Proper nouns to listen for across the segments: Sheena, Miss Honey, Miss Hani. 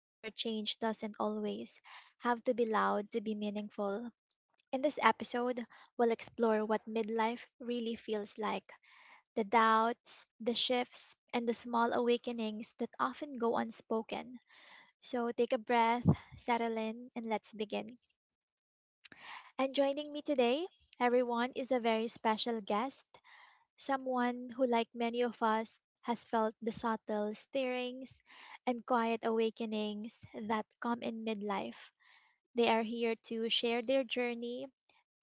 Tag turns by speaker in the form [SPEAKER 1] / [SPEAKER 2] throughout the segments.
[SPEAKER 1] and where change doesn't always have to be loud to be meaningful. In this episode, we'll explore what midlife really feels like, the doubts, the shifts, and the small awakenings that often go unspoken. So take a breath, settle in, and let's begin. And joining me today, everyone, is a very special guest, someone who, like many of us, has felt the subtle stirrings and quiet awakenings that come in midlife. They are here to share their journey,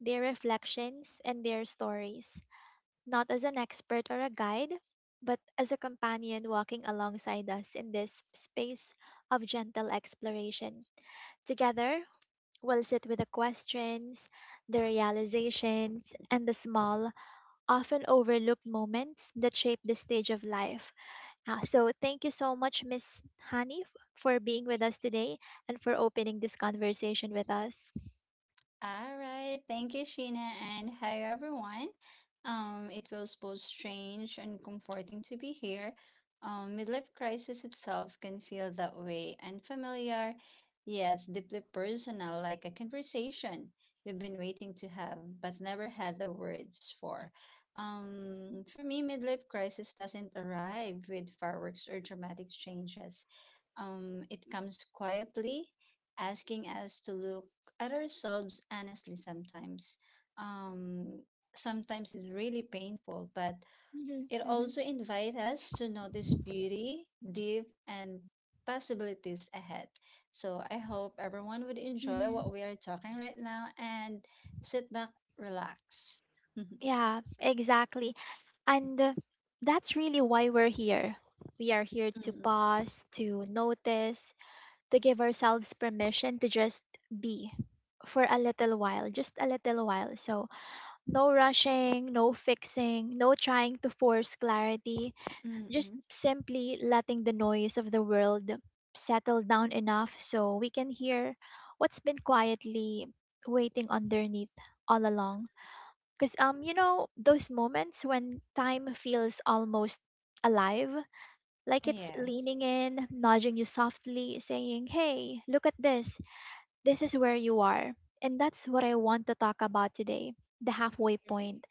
[SPEAKER 1] their reflections, and their stories, not as an expert or a guide, but as a companion walking alongside us in this space of gentle exploration. Together, we'll sit with the questions, the realizations, and the small, often overlooked moments that shape the stage of life. So, thank you so much, Miss Hani, for being with us today and for opening this conversation with us.
[SPEAKER 2] All right. Thank you, Sheena, and hi, everyone. It feels both strange and comforting to be here. Midlife crisis itself can feel that way, unfamiliar, yet deeply personal, like a conversation you've been waiting to have but never had the words for. For me, midlife crisis doesn't arrive with fireworks or dramatic changes. It comes quietly, asking us to look at ourselves honestly sometimes. Um, Sometimes it's really painful, but
[SPEAKER 1] Mhm,
[SPEAKER 2] it
[SPEAKER 1] mhm,
[SPEAKER 2] also invites us to notice beauty, deep, and possibilities ahead. So I hope everyone would enjoy
[SPEAKER 1] mhm.
[SPEAKER 2] what we are talking right now and sit back, relax.
[SPEAKER 1] Yeah, exactly. And that's really why we're here. We are here to
[SPEAKER 2] Mm-mm.
[SPEAKER 1] pause, to notice, to give ourselves permission to just be for a little while, just a little while. So, no rushing, no fixing, no trying to force clarity,
[SPEAKER 2] mm
[SPEAKER 1] just
[SPEAKER 2] mm.
[SPEAKER 1] simply letting the noise of the world settle down enough so we can hear what's been quietly waiting underneath all along. Because you know, those moments when time feels almost alive, like it's
[SPEAKER 2] Yes.
[SPEAKER 1] leaning in, nudging you softly, saying, hey, look at this, this is where you are. And that's what I want to talk about today, the halfway point,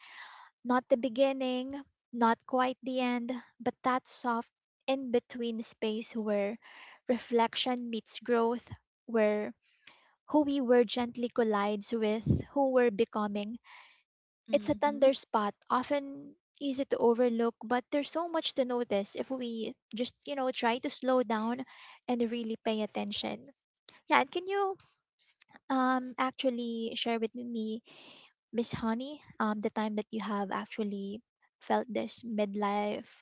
[SPEAKER 1] not the beginning, not quite the end, but that soft in between space where reflection meets growth, where who we were gently collides with who we're becoming. It's a
[SPEAKER 2] Mm-hmm.
[SPEAKER 1] tender spot, often easy to overlook, but there's so much to notice if we just, you know, try to slow down and really pay attention. Yeah, and can you actually share with me, Miss Honey, the time that you have actually felt this midlife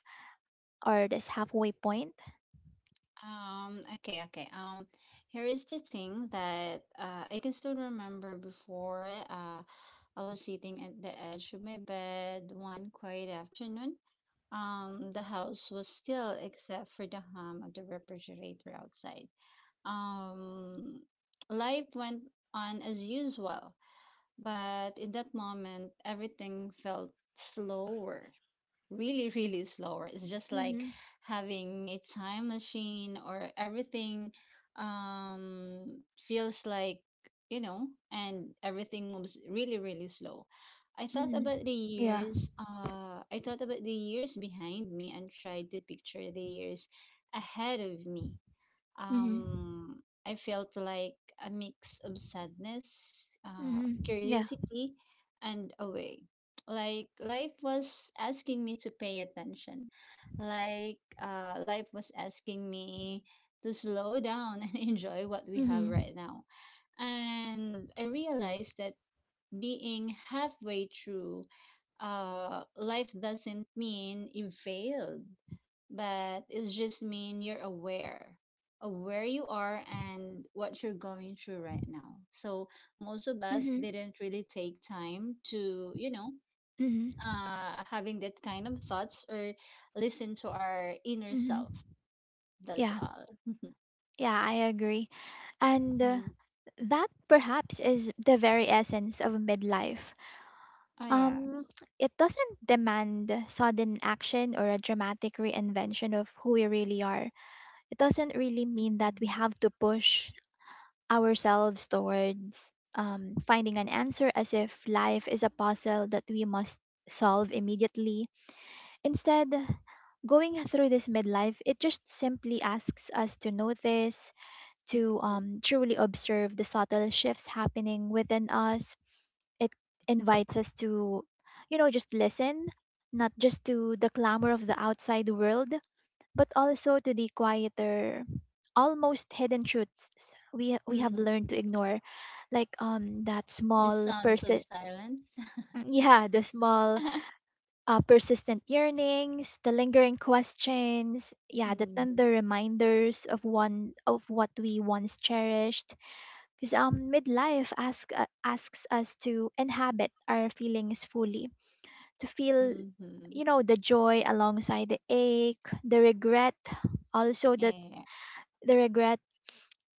[SPEAKER 1] or this halfway point.
[SPEAKER 2] Okay, okay. Here is the thing that I can still remember before I was sitting at the edge of my bed one quiet afternoon. The house was still except for the hum of the refrigerator outside. Um, Life went on as usual, but in that moment, everything felt slower, really really slower. It's just like
[SPEAKER 1] Mm-hmm.
[SPEAKER 2] having a time machine, or everything um feels like, you know, and everything moves really really slow. I thought
[SPEAKER 1] Mm-hmm.
[SPEAKER 2] about the
[SPEAKER 1] Yeah.
[SPEAKER 2] years, uh, I thought about the years behind me, and tried to picture the years ahead of me.
[SPEAKER 1] Mm-hmm.
[SPEAKER 2] um, I felt like a mix of sadness,
[SPEAKER 1] Mm-hmm. Yeah.
[SPEAKER 2] curiosity, and away. Like life was asking me to pay attention. Like life was asking me to slow down and enjoy what we have
[SPEAKER 1] Mm-hmm.
[SPEAKER 2] right now. And I realized that being halfway through life doesn't mean you failed, but it just mean you're aware of where you are and what you're going through right now. So most of us
[SPEAKER 1] Mm-hmm.
[SPEAKER 2] didn't really take time to, you know,
[SPEAKER 1] Mm-hmm.
[SPEAKER 2] having that kind of thoughts or listen to our inner
[SPEAKER 1] Mm-hmm.
[SPEAKER 2] self. That's
[SPEAKER 1] Yeah.
[SPEAKER 2] all.
[SPEAKER 1] Yeah, I agree. And
[SPEAKER 2] Mm.
[SPEAKER 1] that perhaps is the very essence of midlife.
[SPEAKER 2] Oh yeah.
[SPEAKER 1] Um, it doesn't demand sudden action or a dramatic reinvention of who we really are. It doesn't really mean that we
[SPEAKER 2] Mm-hmm.
[SPEAKER 1] have to push ourselves towards, finding an answer as if life is a puzzle that we must solve immediately. Instead, going through this midlife, it just simply asks us to notice, to, truly observe the subtle shifts happening within us. It invites us to, you know, just listen, not just to the clamor of the outside world, but also to the quieter, almost hidden truths we
[SPEAKER 2] Mm-hmm.
[SPEAKER 1] have
[SPEAKER 2] Mm-hmm.
[SPEAKER 1] learned to ignore, like that
[SPEAKER 2] The
[SPEAKER 1] small
[SPEAKER 2] sounds of
[SPEAKER 1] person.
[SPEAKER 2] silence.
[SPEAKER 1] Yeah, the small, persistent yearnings, the lingering questions, yeah, the
[SPEAKER 2] Mhm.
[SPEAKER 1] tender reminders of one of what we once cherished. Because midlife asks us to inhabit our feelings fully, to feel,
[SPEAKER 2] Mhm.
[SPEAKER 1] you know, the joy alongside the ache, the regret, also the
[SPEAKER 2] Yeah.
[SPEAKER 1] the regret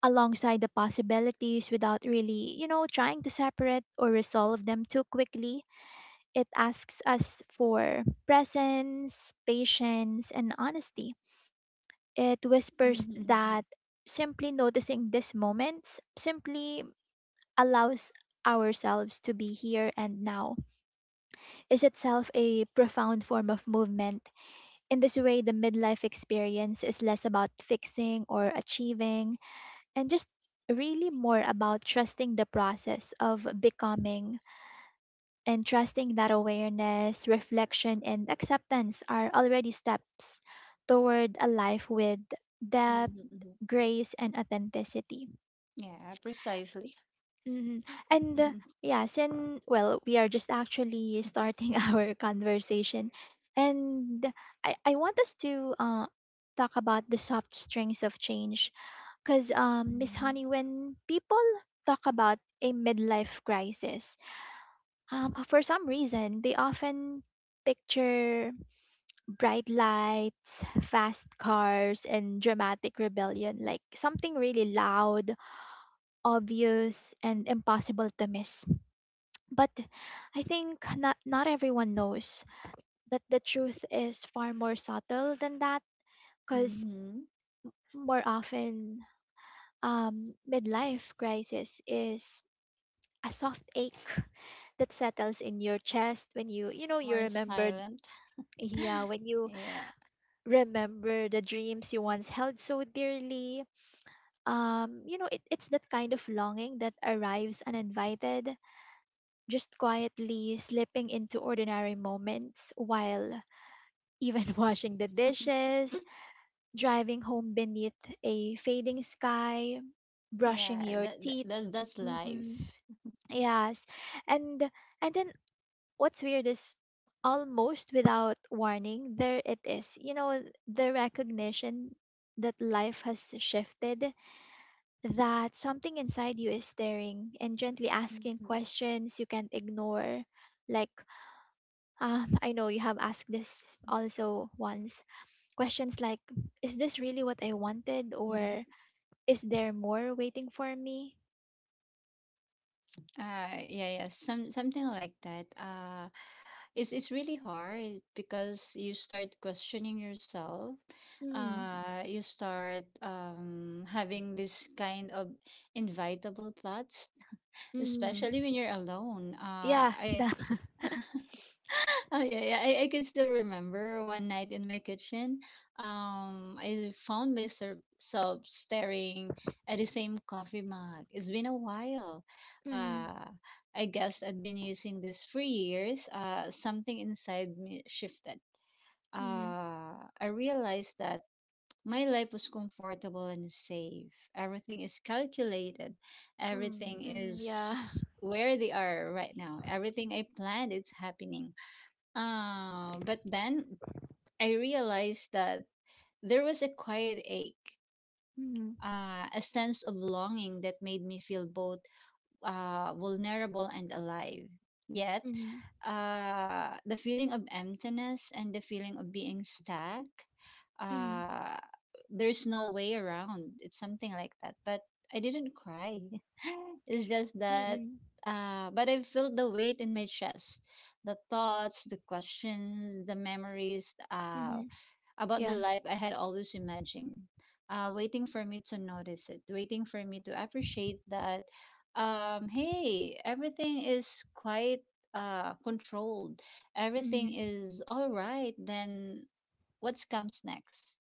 [SPEAKER 1] alongside the possibilities without really, you know, trying to separate or resolve them too quickly. It asks us for presence, patience, and honesty. It whispers
[SPEAKER 2] Mhm, mhm.
[SPEAKER 1] that simply noticing these moments, simply allows ourselves to be here and now, is itself a profound form of movement. In this way, the midlife experience is less about fixing or achieving and just really more about trusting the process of becoming, and trusting that awareness, reflection, and acceptance are already steps toward a life with depth,
[SPEAKER 2] Mhm, mhm.
[SPEAKER 1] grace, and authenticity.
[SPEAKER 2] Yeah, precisely.
[SPEAKER 1] Mhm. And
[SPEAKER 2] Mhm.
[SPEAKER 1] yes, and well, we are just actually starting our conversation. And I want us to talk about the soft strings of change. Because, Miss
[SPEAKER 2] Mhm.
[SPEAKER 1] Honey, when people talk about a midlife crisis, for some reason, they often picture bright lights, fast cars, and dramatic rebellion, like something really loud, obvious, and impossible to miss. But I think not everyone knows that the truth is far more subtle than that, because
[SPEAKER 2] Mm-hmm.
[SPEAKER 1] more often, midlife crisis is a soft ache that settles in your chest when you know, you
[SPEAKER 2] More
[SPEAKER 1] remember,
[SPEAKER 2] silent.
[SPEAKER 1] yeah, when you
[SPEAKER 2] Yeah.
[SPEAKER 1] remember the dreams you once held so dearly. You know, it, it's that kind of longing that arrives uninvited, just quietly slipping into ordinary moments while even washing the dishes, driving home beneath a fading sky, brushing
[SPEAKER 2] Yeah,
[SPEAKER 1] your
[SPEAKER 2] that, that
[SPEAKER 1] teeth.
[SPEAKER 2] that that's life.
[SPEAKER 1] Mm-mm. Yes. And and then what's weird is almost without warning, there it is. You know, the recognition that life has shifted, that something inside you is staring and gently asking
[SPEAKER 2] Mhm,
[SPEAKER 1] questions you can't ignore. Like, I know you have asked this also once. Questions like, is this really what I wanted? Or
[SPEAKER 2] mhm.
[SPEAKER 1] is there more waiting for me?
[SPEAKER 2] Yeah, yeah, some something like that. It's really hard because you start questioning yourself.
[SPEAKER 1] Mm,
[SPEAKER 2] You start having this kind of invitable thoughts,
[SPEAKER 1] mm,
[SPEAKER 2] especially when you're alone.
[SPEAKER 1] yeah,
[SPEAKER 2] I
[SPEAKER 1] that.
[SPEAKER 2] Oh yeah, yeah. I can still remember one night in my kitchen. I found myself staring at the same coffee mug. It's been a while.
[SPEAKER 1] Mm,
[SPEAKER 2] Uh, I guess I'd been using this for years. Something inside me shifted.
[SPEAKER 1] mm,
[SPEAKER 2] I realized that my life was comfortable and safe. Everything is calculated.
[SPEAKER 1] mm,
[SPEAKER 2] Everything
[SPEAKER 1] mm, yeah.
[SPEAKER 2] is where they are right now. Everything I planned, it's happening. But then I realized that there was a quiet ache,
[SPEAKER 1] Mhm.
[SPEAKER 2] a sense of longing that made me feel both vulnerable and alive. Yet,
[SPEAKER 1] Mhm.
[SPEAKER 2] the feeling of emptiness and the feeling of being stuck,
[SPEAKER 1] Mhm.
[SPEAKER 2] uh, there's no way around. It's something like that. But I didn't cry. It's just that,
[SPEAKER 1] Mm-mm.
[SPEAKER 2] but I felt the weight in my chest, the thoughts, the questions, the memories.
[SPEAKER 1] Mhm.
[SPEAKER 2] About the
[SPEAKER 1] Yeah.
[SPEAKER 2] life I had always imagined, waiting for me to notice it, waiting for me to appreciate that, hey, everything is quite controlled, everything
[SPEAKER 1] Mhm.
[SPEAKER 2] is all right, then what comes next?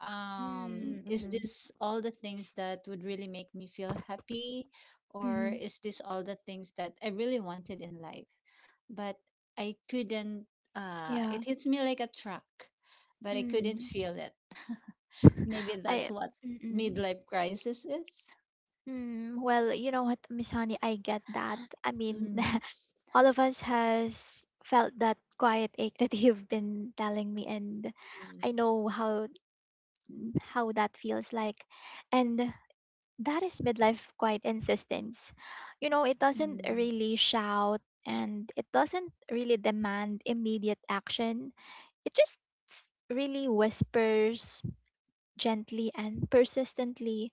[SPEAKER 1] Mm.
[SPEAKER 2] Is
[SPEAKER 1] Mhm.
[SPEAKER 2] this all the things that would really make me feel happy? Or
[SPEAKER 1] Mhm.
[SPEAKER 2] is this all the things that I really wanted in life? But I couldn't,
[SPEAKER 1] Yeah.
[SPEAKER 2] it hits me like a truck, but I couldn't
[SPEAKER 1] Mm.
[SPEAKER 2] feel it. Maybe
[SPEAKER 1] I.
[SPEAKER 2] that's what
[SPEAKER 1] Mm-mm.
[SPEAKER 2] midlife crisis is.
[SPEAKER 1] Mm. Well, you know what, Miss Honey, I get that. I mean,
[SPEAKER 2] Mm-hmm.
[SPEAKER 1] all of us has felt that quiet ache that you've been telling me, and I know how that feels like. And that is midlife quite insistence. You know, it doesn't
[SPEAKER 2] Mm-hmm.
[SPEAKER 1] really shout and it doesn't really demand immediate action. It just really whispers gently and persistently,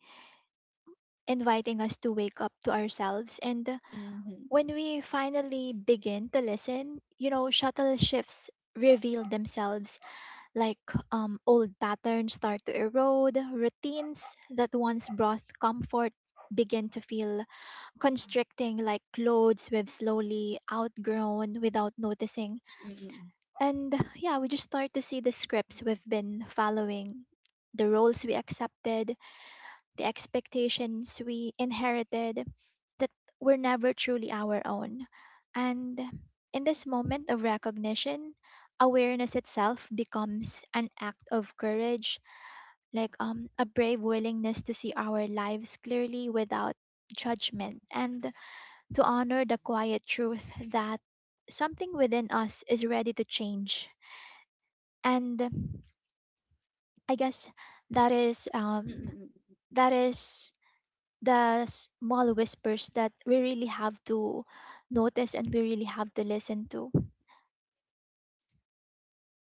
[SPEAKER 1] inviting us to wake up to ourselves. And when we finally begin to listen, you know, shuttle shifts reveal themselves, like old patterns start to erode, routines that once brought comfort begin to feel constricting, like clothes we've slowly outgrown without noticing.
[SPEAKER 2] Mm-hmm.
[SPEAKER 1] And yeah, we just start to see the scripts we've been following, the roles we accepted, the expectations we inherited that were never truly our own. And in this moment of recognition, awareness itself becomes an act of courage, like a brave willingness to see our lives clearly without judgment. And to honor the quiet truth that something within us is ready to change. And I guess that is
[SPEAKER 2] Mm-hmm.
[SPEAKER 1] that is the small whispers that we really have to notice and we really have to listen to.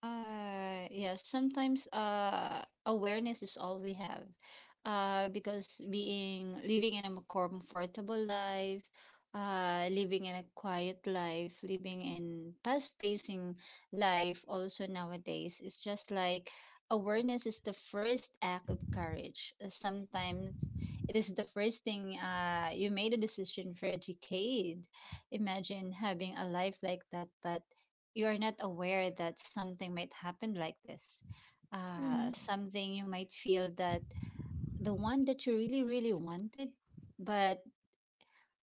[SPEAKER 2] Yeah, sometimes awareness is all we have. Because being living in a mo- comfortable life, living in a quiet life, living in fast-pacing life also nowadays, it's just like awareness is the first act of courage. Sometimes it is the first thing you made a decision for a decade. Imagine having a life like that, but you are not aware that something might happen like this.
[SPEAKER 1] Mm,
[SPEAKER 2] Something you might feel that the one that you really, really wanted, but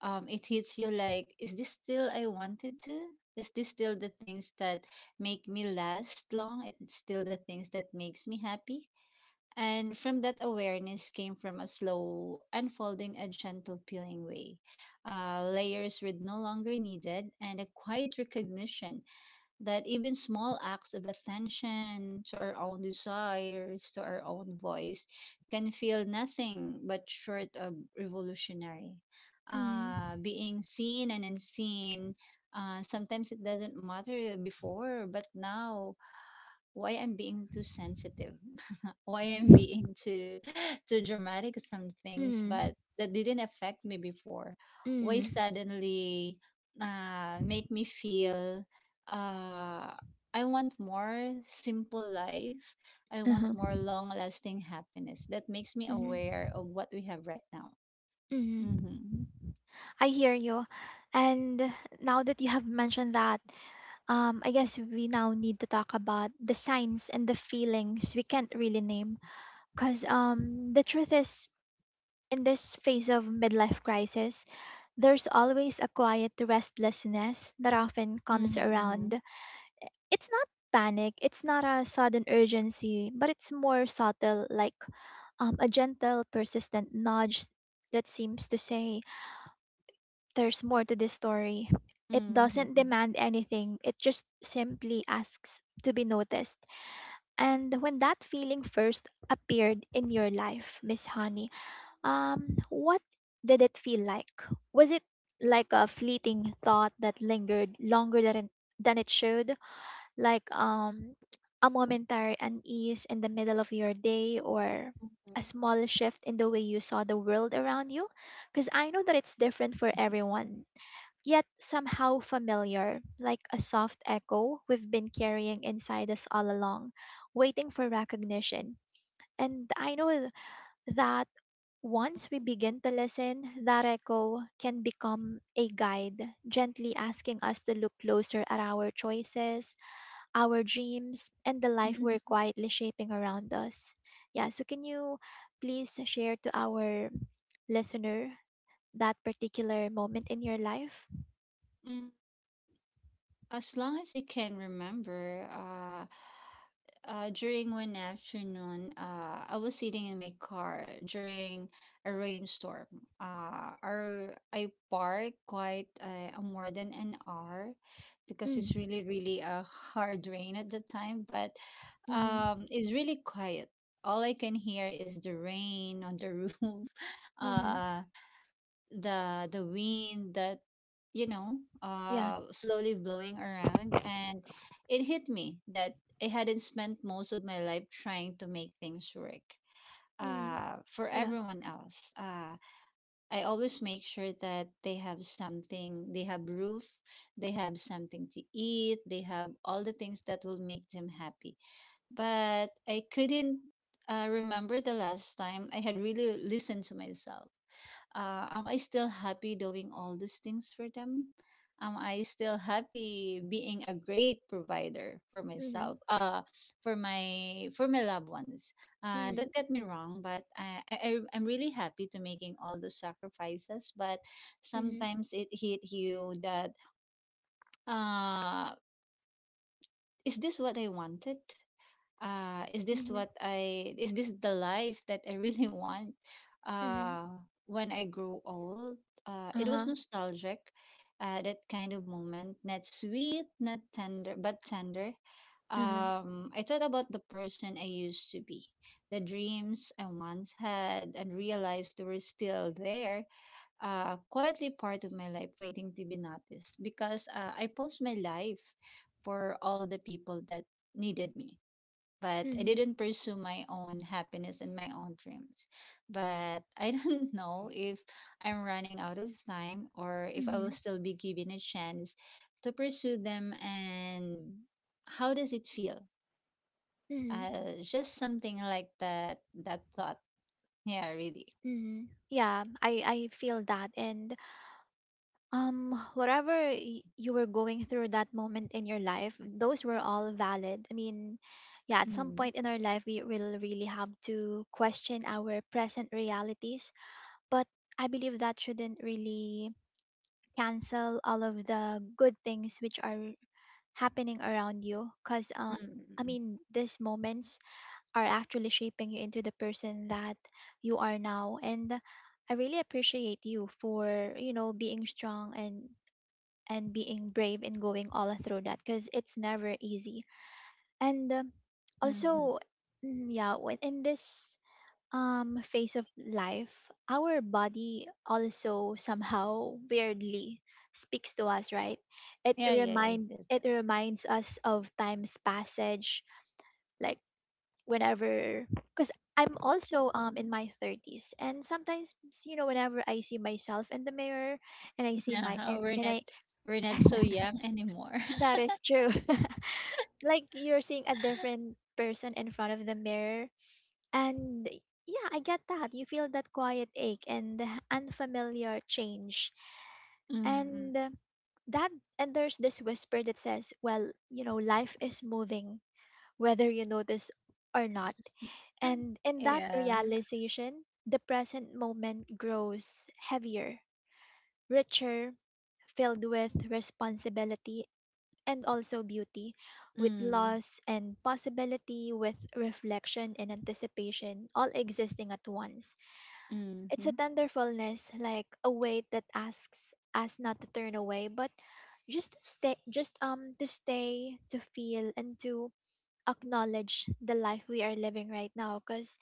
[SPEAKER 2] it hits you like, is this still I wanted to? Is this still the things that make me last long? It's still the things that makes me happy. And from that awareness came from a slow unfolding, a gentle peeling way. Layers were no longer needed, and a quiet recognition that even small acts of attention to our own desires, to our own voice, can feel nothing but short of revolutionary.
[SPEAKER 1] mm,
[SPEAKER 2] Being seen and unseen, sometimes it doesn't matter before, but now why I'm being too sensitive, why I'm being too too dramatic some things,
[SPEAKER 1] mm,
[SPEAKER 2] but that didn't affect me before. Why
[SPEAKER 1] mm,
[SPEAKER 2] suddenly make me feel uh I want more simple life. I
[SPEAKER 1] uh-huh,
[SPEAKER 2] want more long lasting happiness. That makes me
[SPEAKER 1] mhm,
[SPEAKER 2] aware of what we have right now.
[SPEAKER 1] mhm.
[SPEAKER 2] Mm-hmm.
[SPEAKER 1] I hear you. And now that you have mentioned that, I guess we now need to talk about the signs and the feelings we can't really name. Because the truth is, in this phase of midlife crisis, there's always a quiet restlessness that often comes
[SPEAKER 2] Mm-hmm.
[SPEAKER 1] around. It's not panic, it's not a sudden urgency, but it's more subtle, like a gentle, persistent nudge that seems to say, there's more to this story. It
[SPEAKER 2] Mm-hmm.
[SPEAKER 1] doesn't
[SPEAKER 2] Mm-hmm.
[SPEAKER 1] demand anything, it just simply asks to be noticed. And when that feeling first appeared in your life, Miss Honey, what did it feel like? Was it like a fleeting thought that lingered longer than than it should? Like a momentary unease in the middle of your day, or a
[SPEAKER 2] Mm-hmm.
[SPEAKER 1] small shift in the way you saw the world around you? Because I know that it's different for everyone, yet somehow familiar, like a soft echo we've been carrying inside us all along, waiting for recognition. And I know that once we begin to listen, that echo can become a guide, gently asking us to look closer at our choices, our dreams, and the life we're
[SPEAKER 2] Mm-hmm.
[SPEAKER 1] quietly shaping around us. Yeah, so can you please share to our listener that particular moment in your life?
[SPEAKER 2] Mm-hmm. As long as you can remember, during one afternoon, I was sitting in my car during a rainstorm. I parked quite more than an hour because
[SPEAKER 1] Mm,
[SPEAKER 2] it's really, really a hard rain at the time, but
[SPEAKER 1] mm-hmm.
[SPEAKER 2] it's really quiet. All I can hear is the rain on the roof,
[SPEAKER 1] Mhm.
[SPEAKER 2] uh, the wind that, you know,
[SPEAKER 1] Yeah.
[SPEAKER 2] slowly blowing around, and it hit me that I hadn't spent most of my life trying to make things work
[SPEAKER 1] Mhm.
[SPEAKER 2] for
[SPEAKER 1] Yeah.
[SPEAKER 2] everyone else. I always make sure that they have something, they have roof, they have something to eat, they have all the things that will make them happy, but I couldn't remember the last time I had really listened to myself. Am I still happy doing all those things for them? Am I still happy being a great provider for
[SPEAKER 1] Mhm.
[SPEAKER 2] myself, for my loved ones?
[SPEAKER 1] Mhm.
[SPEAKER 2] Don't get me wrong, but I'm really happy to making all those sacrifices. But
[SPEAKER 1] Mhm.
[SPEAKER 2] sometimes it hit you that uh, is this what I wanted? Is this
[SPEAKER 1] Mhm.
[SPEAKER 2] the life that I really want
[SPEAKER 1] Mhm.
[SPEAKER 2] uh when I grow old? It was
[SPEAKER 1] Uh-huh.
[SPEAKER 2] nostalgic, that kind of moment. Not sweet, not tender, but tender.
[SPEAKER 1] Uh-huh.
[SPEAKER 2] I thought about the person I used to be, the dreams I once had, and realized they were still there, quietly part of my life, waiting to be noticed, because I paused my life for all the people that needed me, but I
[SPEAKER 1] Mhm.
[SPEAKER 2] didn't pursue my own happiness and my own dreams. But I don't know if I'm running out of time or if I will
[SPEAKER 1] Mhm.
[SPEAKER 2] still be given a chance to pursue them, and how does it feel?
[SPEAKER 1] Mhm.
[SPEAKER 2] Just something like that, that thought. Yeah, really.
[SPEAKER 1] Mhm. Yeah, I feel that, and whatever you were going through that moment in your life, those were all valid. I mean, yeah, at some
[SPEAKER 2] Mm,
[SPEAKER 1] point in our life we will really have to question our present realities, but I believe that shouldn't really cancel all of the good things which are happening around you, because I
[SPEAKER 2] mm,
[SPEAKER 1] mean, these moments are actually shaping you into the person that you are now, and I really appreciate you for, you know, being strong and being brave in going all through that, because it's never easy. And
[SPEAKER 2] mm-hmm.
[SPEAKER 1] also yeah, within this phase of life, our body also somehow weirdly speaks to us, right? it
[SPEAKER 2] Yeah, yeah, yes,
[SPEAKER 1] remind
[SPEAKER 2] yes,
[SPEAKER 1] it reminds us of time's passage, like whenever, because I'm also
[SPEAKER 2] yes.
[SPEAKER 1] in my 30s, and sometimes, you know, whenever I see myself in the mirror and I see
[SPEAKER 2] Yeah,
[SPEAKER 1] my
[SPEAKER 2] how
[SPEAKER 1] and I
[SPEAKER 2] we're not so young anymore.
[SPEAKER 1] that is true. Like you're seeing a different person in front of the mirror. And yeah, I get that. You feel that quiet ache and the unfamiliar change.
[SPEAKER 2] Mm
[SPEAKER 1] And uh, that and there's this whisper that says, well, you know, life is moving whether you notice or not. And in that
[SPEAKER 2] mm.
[SPEAKER 1] realization, the present moment grows heavier, richer, filled with responsibility and also beauty, with
[SPEAKER 2] Yeah.
[SPEAKER 1] loss and possibility, with reflection and anticipation, all existing at once. It's a
[SPEAKER 2] Mm-hmm.
[SPEAKER 1] tenderfulness, like a weight that asks us not to turn away, but just to stay, just to stay, to feel, and to acknowledge the life we are living right now. Cause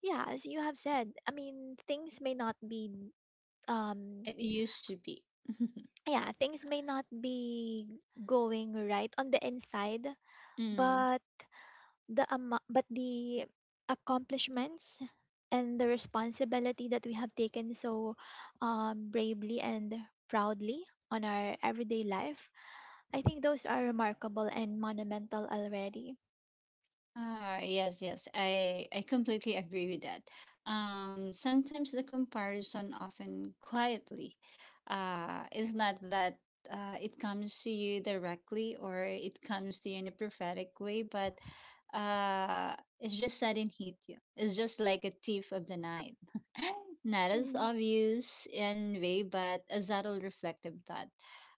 [SPEAKER 1] yeah, as you have said, I mean things may not be um
[SPEAKER 2] It used to be.
[SPEAKER 1] yeah things may not be going right on the inside,
[SPEAKER 2] Mm.
[SPEAKER 1] but the accomplishments and the responsibility that we have taken so bravely and proudly on our everyday life, I think those are remarkable and monumental already.
[SPEAKER 2] Ah, yes, yes. I completely agree with that. Sometimes the comparison often quietly, is not that it comes to you directly or it comes to you in a prophetic way, but Uh, it's just sudden hit you. It's just like a thief of the night. Not as
[SPEAKER 1] Mm-hmm.
[SPEAKER 2] obvious in way, but a subtle reflective thought.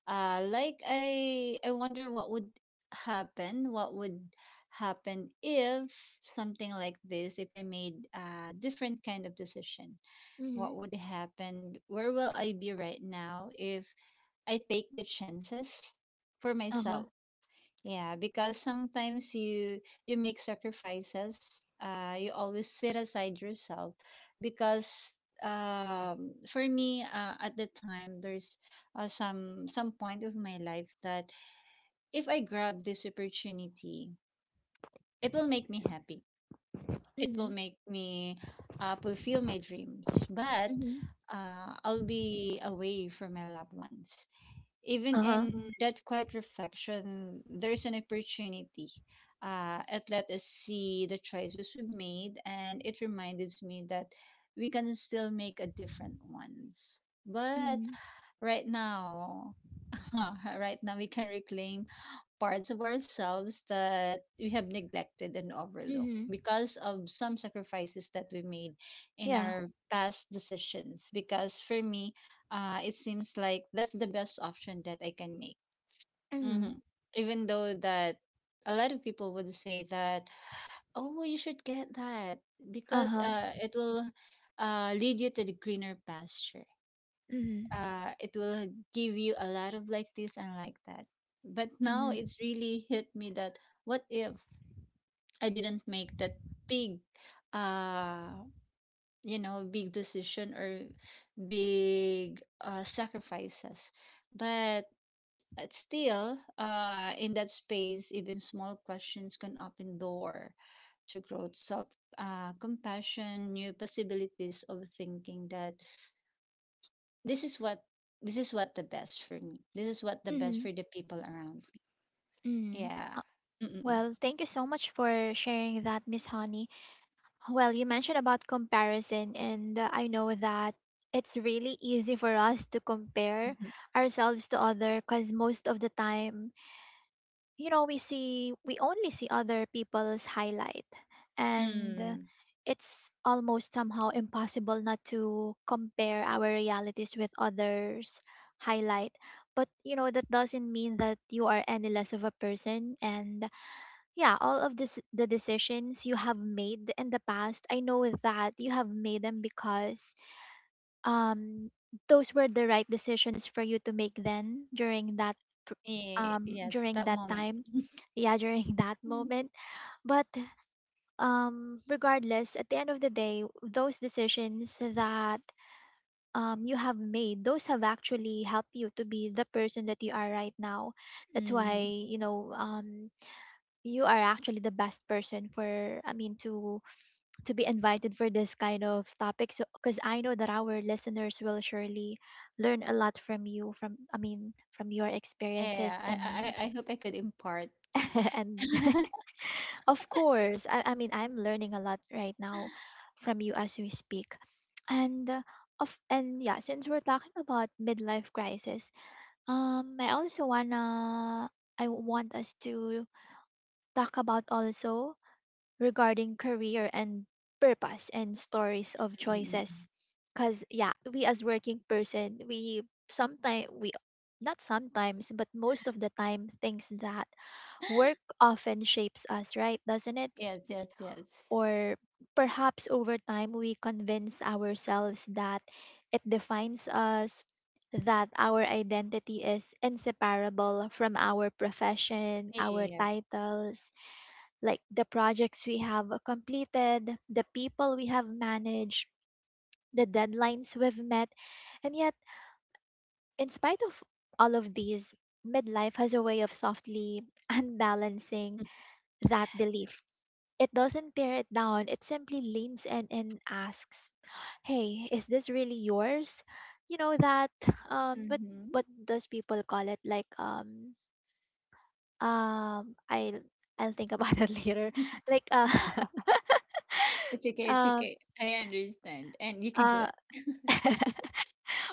[SPEAKER 2] Like I wonder what would happen. What would happen if something like this? If I made a different kind of decision,
[SPEAKER 1] Mm-hmm.
[SPEAKER 2] what would happen? Where will I be right now if I take the chances for
[SPEAKER 1] Uh-huh.
[SPEAKER 2] myself? Yeah, because sometimes you make sacrifices. You always set aside yourself because for me at the time there's some point of my life that if I grab this opportunity, it will make me happy. It will
[SPEAKER 1] Mm-hmm.
[SPEAKER 2] make me fulfill my dreams, but
[SPEAKER 1] Mm-hmm.
[SPEAKER 2] I'll be away from my loved ones. Even
[SPEAKER 1] Uh-huh.
[SPEAKER 2] in that quiet reflection, there's an opportunity. It let us see the choices we've made, and it reminded me that we can still make a different ones. But
[SPEAKER 1] Mm-hmm.
[SPEAKER 2] right now, right now, we can reclaim parts of ourselves that we have neglected and overlooked
[SPEAKER 1] Mm-hmm.
[SPEAKER 2] because of some sacrifices that we made in
[SPEAKER 1] Yeah.
[SPEAKER 2] our past decisions. Because for me, it seems like that's the best option that I can make.
[SPEAKER 1] Mm-hmm.
[SPEAKER 2] Hmm. Even though that a lot of people would say that, oh, you should get that, because
[SPEAKER 1] Uh-huh.
[SPEAKER 2] it will lead you to the greener pasture.
[SPEAKER 1] Mm-hmm.
[SPEAKER 2] It will give you a lot of like this and like that. But now
[SPEAKER 1] Mm-hmm.
[SPEAKER 2] it's really hit me that what if I didn't make that big, uh, you know, big decision or big sacrifices? But still, in that space, even small questions can open door to growth, self compassion, new possibilities of thinking that This is what this is what the best for me. This is what the best
[SPEAKER 1] Mm-hmm.
[SPEAKER 2] for the people around me.
[SPEAKER 1] Mm-hmm.
[SPEAKER 2] Yeah. Mm-mm.
[SPEAKER 1] Well, thank you so much for sharing that, Miss Honey. Well, you mentioned about comparison, and I know that it's really easy for us to compare
[SPEAKER 2] Mhm.
[SPEAKER 1] ourselves to other because most of the time, you know, we only see other people's highlight, and
[SPEAKER 2] Mm.
[SPEAKER 1] it's almost somehow impossible not to compare our realities with others' highlight. But you know, that doesn't mean that you are any less of a person, and yeah, all of this, the decisions you have made in the past, I know that you have made them because um those were the right decisions for you to make then during that pr-
[SPEAKER 2] Yeah, yes,
[SPEAKER 1] during
[SPEAKER 2] that
[SPEAKER 1] that
[SPEAKER 2] moment.
[SPEAKER 1] time, yeah, during that moment, but regardless, at the end of the day, those decisions that you have made, those have actually helped you to be the person that you are right now. That's why,
[SPEAKER 2] Mm.
[SPEAKER 1] you know, you are actually the best person for, I mean, to be invited for this kind of topic. So because I know that our listeners will surely learn a lot from you, from, I mean, from your experiences
[SPEAKER 2] Yeah,
[SPEAKER 1] and
[SPEAKER 2] I hope I could impart.
[SPEAKER 1] and of course I mean I'm learning a lot right now from you as we speak. And of and yeah, since we're talking about midlife crisis, I also wanna, I want us to talk about also regarding career and purpose and stories of
[SPEAKER 2] Mm,
[SPEAKER 1] choices, because yeah, we as working person, we not sometimes but most of the time thinks that work often shapes us, right, doesn't it?
[SPEAKER 2] yes, yes, yes.
[SPEAKER 1] Or perhaps over time we convince ourselves that it defines us, that our identity is inseparable from our profession, our
[SPEAKER 2] Yeah.
[SPEAKER 1] titles, like the projects we have completed, the people we have managed, the deadlines we've met. And yet, in spite of all of these, midlife has a way of softly unbalancing that belief. It doesn't tear it down, it simply leans in and asks, hey, is this really yours? You know, that, um, what,
[SPEAKER 2] Mm-hmm.
[SPEAKER 1] what does people call it? Like, um, I, will I'll think about it later. Like,
[SPEAKER 2] It's okay, it's
[SPEAKER 1] uh,
[SPEAKER 2] okay. I understand. And you can do
[SPEAKER 1] uh,
[SPEAKER 2] it.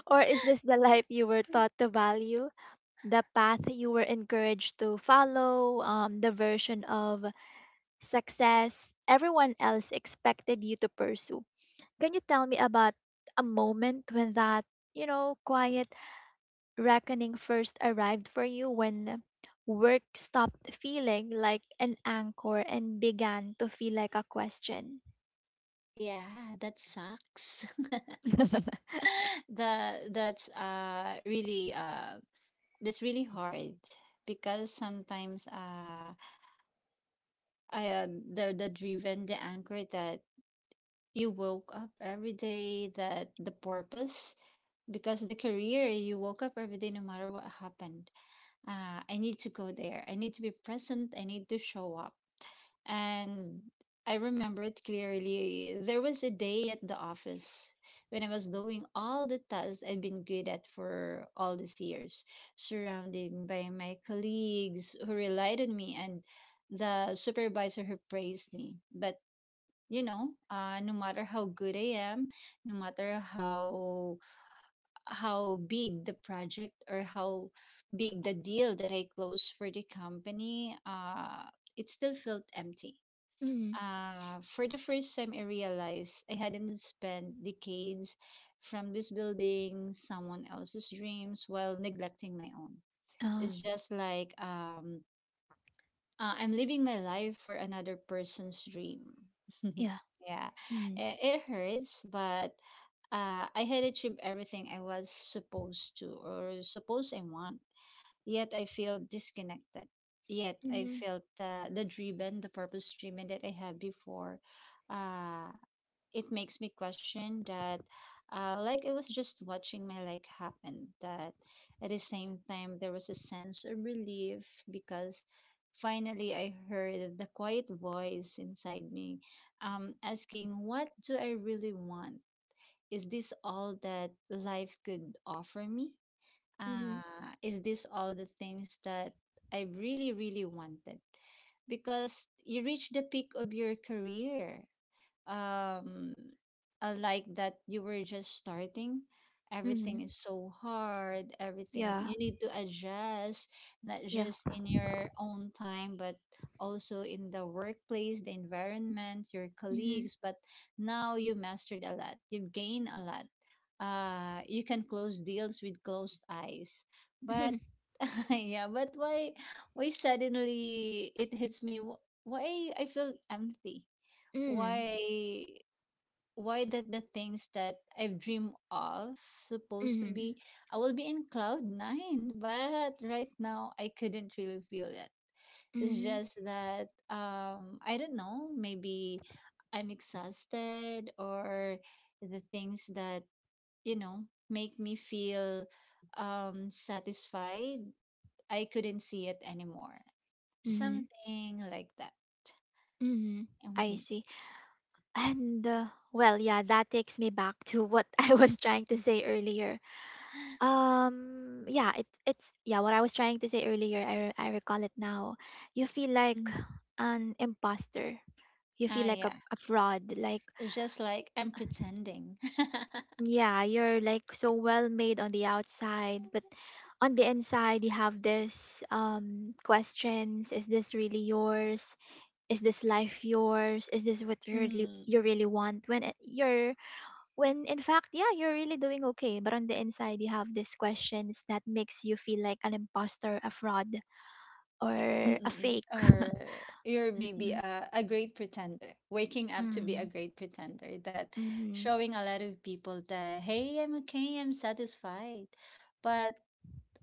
[SPEAKER 1] or is this the life you were taught to value, the path you were encouraged to follow, the version of success everyone else expected you to pursue? Can you tell me about a moment when that, you know, quiet reckoning first arrived for you, when work stopped feeling like an anchor and began to feel like a question?
[SPEAKER 2] Yeah, that sucks. The that's really that's really hard because sometimes I the driven, the anchor that you woke up every day, that the purpose, because the career, you woke up every day no matter what happened, I need to go there, I need to be present, I need to show up. And I remember it clearly. There was a day at the office when I was doing all the tasks I've been good at for all these years, surrounded by my colleagues who relied on me and the supervisor who praised me. But you know, no matter how good I am, no matter how big the project or how big the deal that I closed for the company, it still felt empty.
[SPEAKER 1] mm,
[SPEAKER 2] For the first time, I realized I hadn't spent decades from this building someone else's dreams while neglecting my own.
[SPEAKER 1] uh,
[SPEAKER 2] It's just like I'm living my life for another person's dream.
[SPEAKER 1] yeah.
[SPEAKER 2] Yeah,
[SPEAKER 1] Mm,
[SPEAKER 2] it hurts, but I had achieved everything I was supposed to or supposed I want. Yet I feel disconnected. Yet I
[SPEAKER 1] mm-hmm,
[SPEAKER 2] felt the driven, the purpose driven that I had before. Uh, it makes me question that, like I was just watching my life happen. That at the same time there was a sense of relief, because finally I heard the quiet voice inside me, asking, "What do I really want? Is this all that life could offer me?"
[SPEAKER 1] mm-hmm,
[SPEAKER 2] Is this all the things that I really, really wanted? Because you reach the peak of your career, um like that you were just starting, everything
[SPEAKER 1] mm-hmm,
[SPEAKER 2] is so hard, everything
[SPEAKER 1] yeah.
[SPEAKER 2] you need to adjust, not
[SPEAKER 1] Yeah.
[SPEAKER 2] just in your own time but also in the workplace, the environment, your
[SPEAKER 1] Mhm.
[SPEAKER 2] colleagues. But now you mastered a lot, you gain a lot, you can close deals with closed eyes, but yeah, but why suddenly it hits me, why I feel empty,
[SPEAKER 1] mm.
[SPEAKER 2] why why that the things that I've dreamed of, supposed to
[SPEAKER 1] Mhm.
[SPEAKER 2] be I will be in cloud nine, but right now I couldn't really feel it. It's
[SPEAKER 1] Mhm.
[SPEAKER 2] just that I don't know, maybe I'm exhausted, or the things that, you know, make me feel satisfied, I couldn't see it anymore.
[SPEAKER 1] Mhm.
[SPEAKER 2] Something like that.
[SPEAKER 1] Mhm. I
[SPEAKER 2] Mm-hmm.
[SPEAKER 1] see. And well, yeah, that takes me back to what I was trying to say earlier. Yeah, it's yeah, what I was trying to say earlier. I recall it now. You feel like
[SPEAKER 2] Mm-hmm.
[SPEAKER 1] an imposter. You feel
[SPEAKER 2] Ah,
[SPEAKER 1] like
[SPEAKER 2] yeah.
[SPEAKER 1] a fraud. Like
[SPEAKER 2] Just like I'm pretending.
[SPEAKER 1] yeah, you're like so well made on the outside, but on the inside you have this questions. Is this really yours? Is this life yours? Is this what you really, you
[SPEAKER 2] Mm.
[SPEAKER 1] really want, when you're, when in fact, yeah, you're really doing okay but on the inside you have these questions that makes you feel like an imposter, a fraud, or a fake.
[SPEAKER 2] Or you're maybe
[SPEAKER 1] Mm-mm.
[SPEAKER 2] a great pretender, waking up to be a
[SPEAKER 1] Mm.
[SPEAKER 2] great pretender, that
[SPEAKER 1] Mhm.
[SPEAKER 2] showing a lot of people that, hey, I'm okay, I'm satisfied. But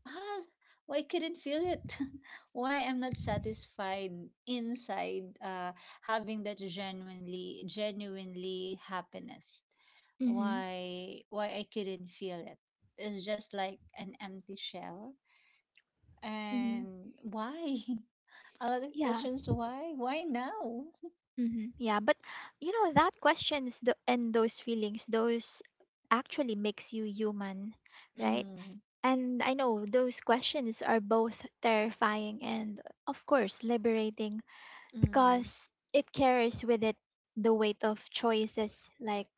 [SPEAKER 2] ah, why couldn't feel it? Why I'm not satisfied inside, having that genuinely, genuinely happiness?
[SPEAKER 1] Mhm.
[SPEAKER 2] Why why I couldn't feel it. It's just like an empty shell.
[SPEAKER 1] Mhm.
[SPEAKER 2] And why? A lot of
[SPEAKER 1] Yeah.
[SPEAKER 2] questions. Why? Why now?
[SPEAKER 1] Mhm. Yeah, but you know that questions and those feelings, those actually makes you human, right?
[SPEAKER 2] Mm,
[SPEAKER 1] And I know those questions are both terrifying and of course liberating,
[SPEAKER 2] mm,
[SPEAKER 1] because it carries with it the weight of choices, like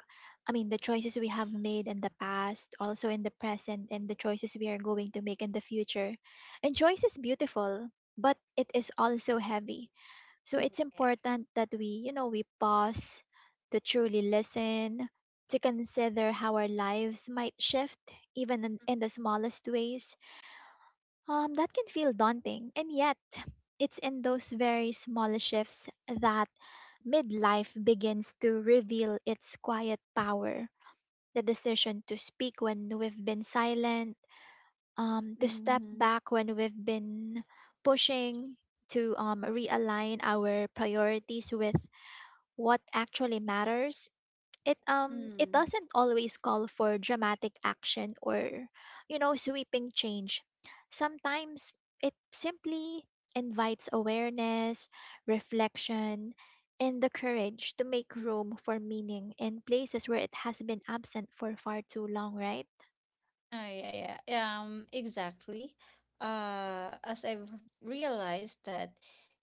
[SPEAKER 1] I mean the choices we have made in the past, also in the present, and the choices we are going to make in the future. And choice is beautiful but it is also heavy. So
[SPEAKER 2] mm,
[SPEAKER 1] it's
[SPEAKER 2] yeah.
[SPEAKER 1] important that we, you know, we pause to truly listen, to consider how our lives might shift even in the smallest ways. That can feel daunting, and yet it's in those very small shifts that midlife begins to reveal its quiet power. The decision to speak when we've been silent, to step
[SPEAKER 2] Mm-hmm.
[SPEAKER 1] back when we've been pushing, to realign our priorities with what actually matters. It
[SPEAKER 2] Mm.
[SPEAKER 1] doesn't always call for dramatic action or, you know, sweeping change. Sometimes it simply invites awareness, reflection, and the courage to make room for meaning in places where it has been absent for far too long, right?
[SPEAKER 2] Oh, yeah, yeah. Exactly. As I've realized that,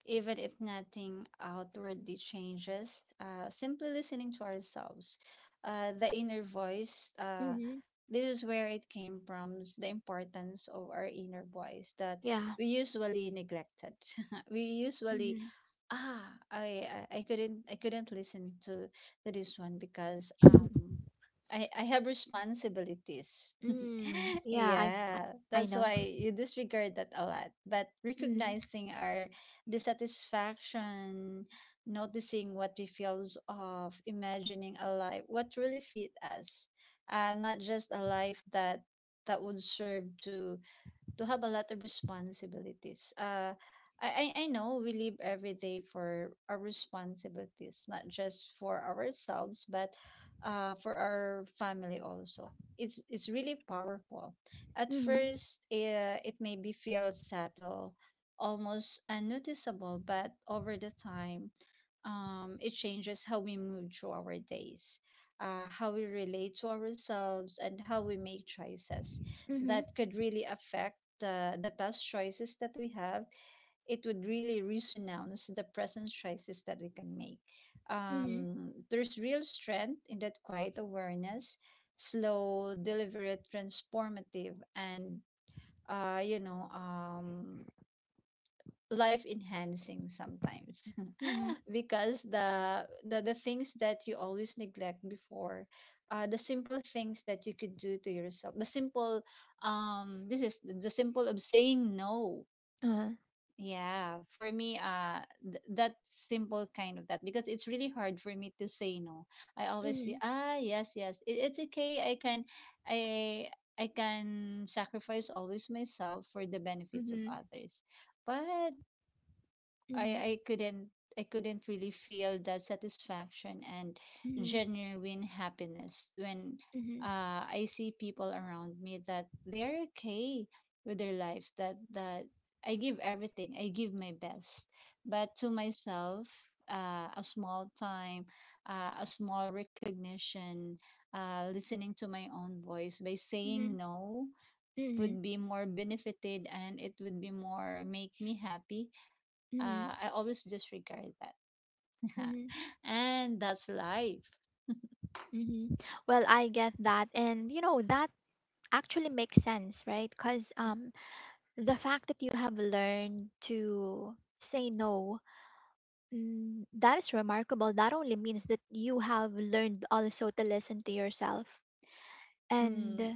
[SPEAKER 2] even if nothing outwardly changes, simply listening to ourselves, the inner voice,
[SPEAKER 1] Mm-hmm.
[SPEAKER 2] this is where it came from, the importance of our inner voice that
[SPEAKER 1] Yeah.
[SPEAKER 2] we usually neglected. We usually
[SPEAKER 1] Mm-hmm.
[SPEAKER 2] ah I couldn't, I couldn't listen to this one because I have responsibilities.
[SPEAKER 1] mm,
[SPEAKER 2] Yeah,
[SPEAKER 1] I
[SPEAKER 2] that's
[SPEAKER 1] know.
[SPEAKER 2] why you disregard that a lot. But
[SPEAKER 1] Mm.
[SPEAKER 2] recognizing our dissatisfaction, noticing what we feel of, imagining a life what really fit us, and not just a life that would serve to have a lot of responsibilities. I I know we live every day for our responsibilities, not just for ourselves, but for our family also. It's really powerful. At
[SPEAKER 1] Mm-hmm.
[SPEAKER 2] first, it may be feel subtle, almost unnoticeable, but over the time, it changes how we move through our days, how we relate to ourselves, and how we make choices
[SPEAKER 1] Mm-hmm.
[SPEAKER 2] that could really affect the past choices that we have, it would really resound the present choices that we can make.
[SPEAKER 1] Mm-hmm.
[SPEAKER 2] There's real strength in that quiet awareness, slow, deliberate, transformative, and you know, life enhancing sometimes,
[SPEAKER 1] Mm-hmm.
[SPEAKER 2] because the, the things that you always neglect before, the simple things that you could do to yourself, the simple this is the simple of saying no.
[SPEAKER 1] uh,
[SPEAKER 2] Yeah, for me that simple kind of that, because it's really hard for me to say no. I always say,
[SPEAKER 1] Mm-hmm.
[SPEAKER 2] ah, yes, yes, it, it's okay, I can, i I can sacrifice always myself for the benefits of
[SPEAKER 1] Mm-hmm.
[SPEAKER 2] others, but I couldn't, I couldn't really feel the satisfaction and
[SPEAKER 1] Mm-hmm.
[SPEAKER 2] genuine happiness when
[SPEAKER 1] Mm-hmm.
[SPEAKER 2] I see people around me that they're okay with their lives, that I give everything, I give my best, but to myself, a small time, a small recognition, listening to my own voice by saying
[SPEAKER 1] Mm-hmm.
[SPEAKER 2] no
[SPEAKER 1] Mm-hmm.
[SPEAKER 2] would be more benefited and it would be more make me happy.
[SPEAKER 1] Mm-hmm.
[SPEAKER 2] I always disregard that.
[SPEAKER 1] Mm-hmm.
[SPEAKER 2] And that's life.
[SPEAKER 1] Mm-hmm. Well, I get that. And you know, that actually makes sense, right? Because the fact that you have learned to say no, mm, that is remarkable. That only means that you have learned also to listen to yourself. And
[SPEAKER 2] Mm,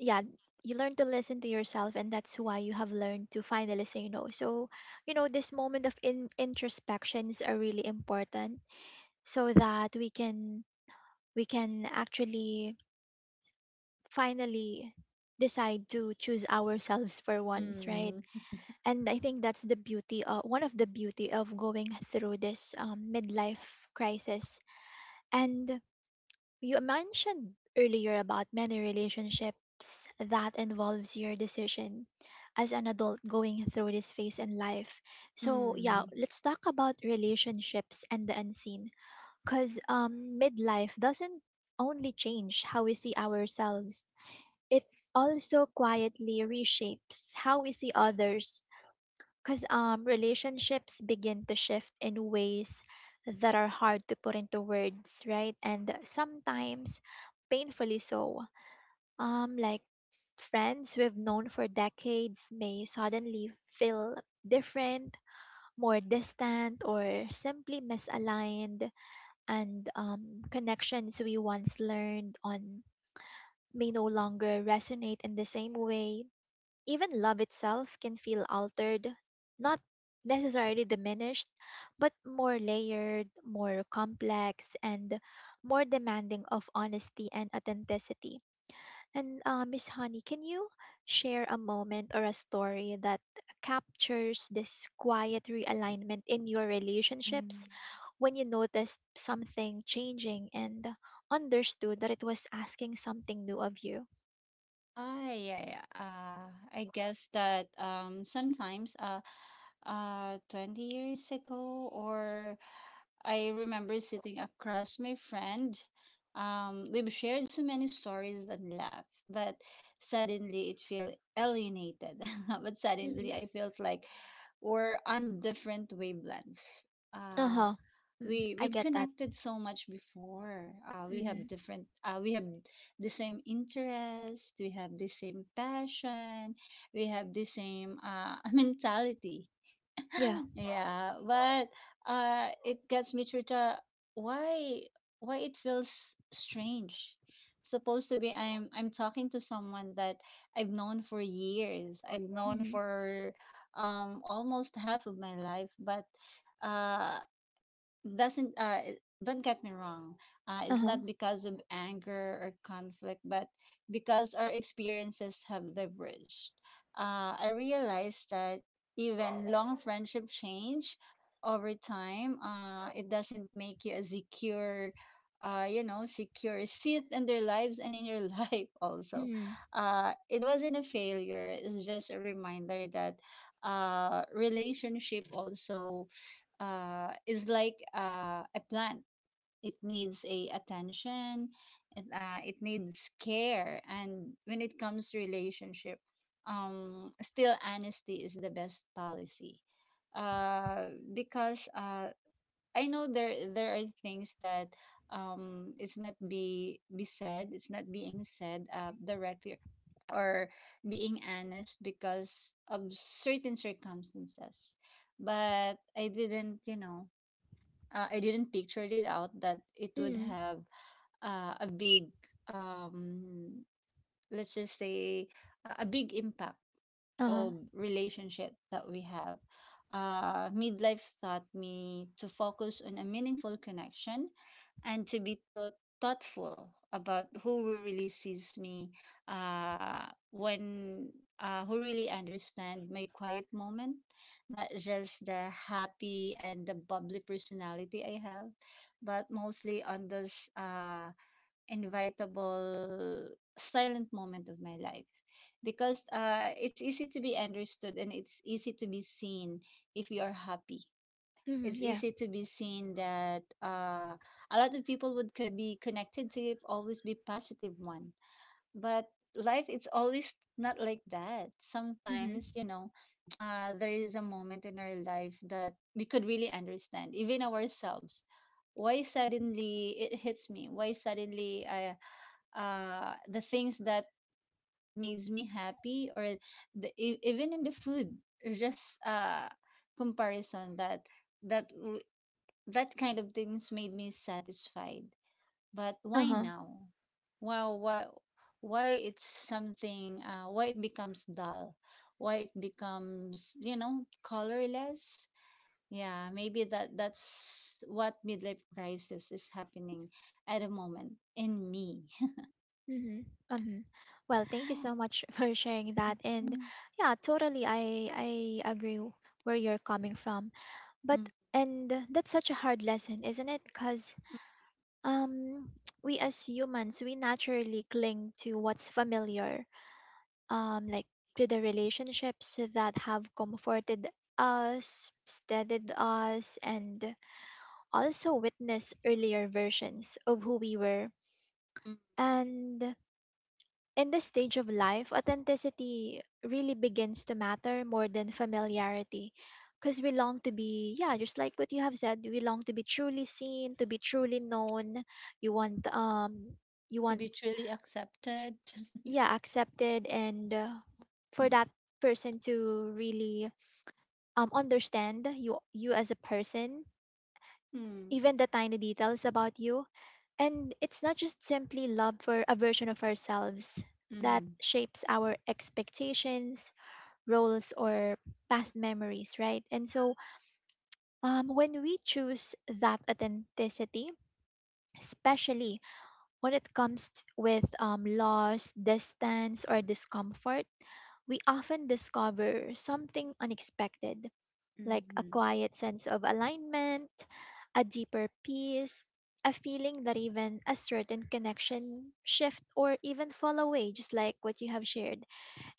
[SPEAKER 1] yeah, you learn to listen to yourself and that's why you have learned to finally say no. So, you know, this moment of introspections are really important so that we can, we can actually finally decide to choose ourselves for once, right?
[SPEAKER 2] mm,
[SPEAKER 1] And I think that's the beauty, one of the beauty of going through this, midlife crisis. And you mentioned earlier about many relationships that involves your decision as an adult going through this phase in life. So yeah,
[SPEAKER 2] mm,
[SPEAKER 1] let's talk about relationships and the unseen, because midlife doesn't only change how we see ourselves, it also quietly reshapes how we see others. Because relationships begin to shift in ways that are hard to put into words, right? And sometimes painfully so. Like friends we've known for decades may suddenly feel different, more distant, or simply misaligned, and connections we once learned on may no longer resonate in the same way. Even love itself can feel altered, not necessarily diminished, but more layered, more complex, and more demanding of honesty and authenticity. And Miss Honey, can you share a moment or a story that captures this quiet realignment in your relationships,
[SPEAKER 2] mm.
[SPEAKER 1] when you noticed something changing and understood that it was asking something new of you?
[SPEAKER 2] Ah, yeah, yeah. I guess that sometimes 20 years ago, or I remember sitting across my friend. We've shared so many stories and laugh, but suddenly it felt alienated. But suddenly
[SPEAKER 1] Mm-hmm.
[SPEAKER 2] I felt like we're on different wavelengths.
[SPEAKER 1] Uh
[SPEAKER 2] Uh,
[SPEAKER 1] huh. Mm,
[SPEAKER 2] we
[SPEAKER 1] I
[SPEAKER 2] we've
[SPEAKER 1] get that.
[SPEAKER 2] connected so much before.
[SPEAKER 1] Mm-hmm.
[SPEAKER 2] We have the same interest, we have the same passion, we have the same mentality.
[SPEAKER 1] Yeah.
[SPEAKER 2] Yeah, but it gets me to the why why it feels strange. Supposed to be I'm talking to someone that I've known for years, I've known
[SPEAKER 1] Mm-hmm.
[SPEAKER 2] for almost half of my life. But uh doesn't it- don't get me wrong,
[SPEAKER 1] Uh
[SPEAKER 2] it's
[SPEAKER 1] huh.
[SPEAKER 2] not because of anger or conflict, but because our experiences have diverged. I realized that even long friendship change over time. It doesn't make you a secure, you know, secure seat in their lives and in your life also.
[SPEAKER 1] Mm-hmm.
[SPEAKER 2] It wasn't a failure, it's just a reminder that relationship also, is like a plant. It needs a attention, and it needs care. And when it comes to relationship, still honesty is the best policy. Because I know there are things that it's not be be said, it's not being said directly, or being honest because of certain circumstances. But I didn't, you know, I didn't picture it out that it would
[SPEAKER 1] Mm-hmm.
[SPEAKER 2] have a big, um, let's just say, a big impact
[SPEAKER 1] Uh huh.
[SPEAKER 2] of relationship that we have. Midlife taught me to focus on a meaningful connection and to be thoughtful about who really sees me, uh, when who really understand my quiet moment, not just the happy and the bubbly personality I have, but mostly on those, uh, invitable silent moment of my life, because it's easy to be understood and it's easy to be seen if you are happy.
[SPEAKER 1] Mm-hmm.
[SPEAKER 2] It's
[SPEAKER 1] Yeah.
[SPEAKER 2] easy to be seen that a lot of people would be connected to you, always be positive one. But life it's always not like that.
[SPEAKER 1] Mm-hmm.
[SPEAKER 2] Sometimes, you know, there is a moment in our life that we could really understand, even ourselves. Why suddenly it hits me? Why suddenly I the things that makes me happy, or the, even in the food, it's just uh comparison, that that w- that kind of things made me satisfied. But
[SPEAKER 1] Uh
[SPEAKER 2] why
[SPEAKER 1] huh.
[SPEAKER 2] now? Wow, why it's something, why it becomes dull, why it becomes, you know, colorless. Yeah, maybe that's what midlife crisis is happening at a moment in me.
[SPEAKER 1] Mm-hmm. Um. Well, thank you so much for sharing that. And yeah, totally. I agree where you're coming from. But,
[SPEAKER 2] Mm.
[SPEAKER 1] and that's such a hard lesson, isn't it? Because um we as humans, we naturally cling to what's familiar, like to the relationships that have comforted us, steadied us, and also witnessed earlier versions of who we were.
[SPEAKER 2] Mm,
[SPEAKER 1] And in this stage of life, authenticity really begins to matter more than familiarity, because we long to be, yeah, just like what you have said, we long to be truly seen, to be truly known. you want um you
[SPEAKER 2] to
[SPEAKER 1] want
[SPEAKER 2] be truly accepted.
[SPEAKER 1] yeah, accepted, and for that person to really understand you as a person,
[SPEAKER 2] Mm,
[SPEAKER 1] even the tiny details about you. And it's not just simply love for a version of ourselves that
[SPEAKER 2] mm,
[SPEAKER 1] shapes our expectations, roles, or past memories, right? And so when we choose that authenticity, especially when it comes with loss, distance, or discomfort, we often discover something unexpected, like a
[SPEAKER 2] mm,
[SPEAKER 1] quiet sense of alignment, a deeper peace, a feeling that even a certain connection shift or even fall away, just like what you have shared.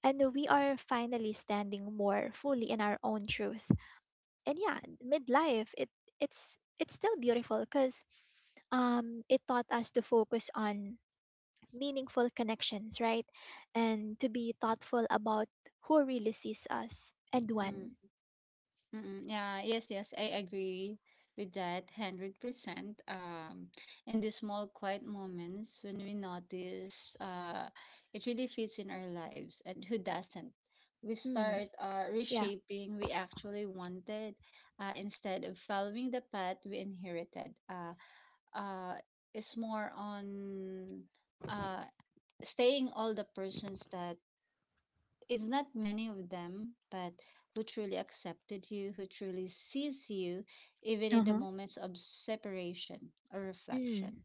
[SPEAKER 1] And we are finally standing more fully in our own truth. And yeah, midlife, it's still beautiful because it taught us to focus on meaningful connections, right? And to be thoughtful about who really sees us and when.
[SPEAKER 2] mm, mm. Yeah, yes, yes, I agree with that 100%. Um, in the small, quiet moments when we notice, uh, it really fits in our lives, and who doesn't? We
[SPEAKER 1] Mm,
[SPEAKER 2] start
[SPEAKER 1] yeah.
[SPEAKER 2] reshaping we actually wanted, instead of following the path we inherited. Uh, it's more on. Uh, Staying all the persons that, it's not many of them, but who truly accepted you, who truly sees you, even in the
[SPEAKER 1] Uh-huh.
[SPEAKER 2] moments of separation or
[SPEAKER 1] Mm,
[SPEAKER 2] reflection.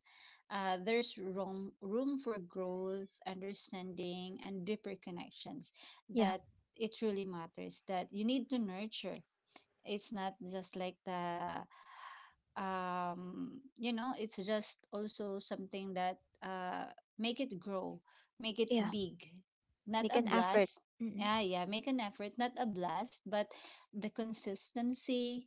[SPEAKER 2] There's room, room for growth, understanding, and deeper connections
[SPEAKER 1] yeah.
[SPEAKER 2] that it really matters that you need to nurture. It's not just like the it's just also something that make it grow, make it
[SPEAKER 1] Yeah.
[SPEAKER 2] big, not
[SPEAKER 1] Make
[SPEAKER 2] a
[SPEAKER 1] an effort.
[SPEAKER 2] blast.
[SPEAKER 1] Mm,
[SPEAKER 2] Yeah, yeah, make an effort, not a blast, but the consistency,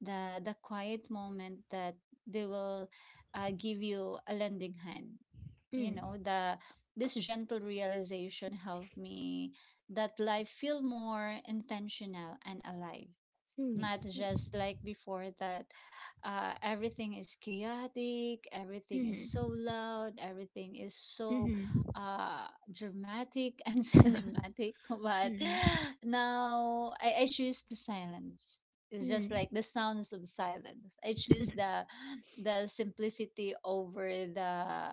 [SPEAKER 2] the quiet moment that they will, give you a lending hand, you
[SPEAKER 1] mm,
[SPEAKER 2] know the this gentle realization helped me that life feel more intentional and alive, not
[SPEAKER 1] mm,
[SPEAKER 2] just like before that everything is chaotic, everything is so
[SPEAKER 1] mm,
[SPEAKER 2] loud, everything is so
[SPEAKER 1] mm,
[SPEAKER 2] uh, dramatic and cinematic. But
[SPEAKER 1] mm,
[SPEAKER 2] now I choose the silence. It's just
[SPEAKER 1] mm,
[SPEAKER 2] like the sounds of silence. I choose the simplicity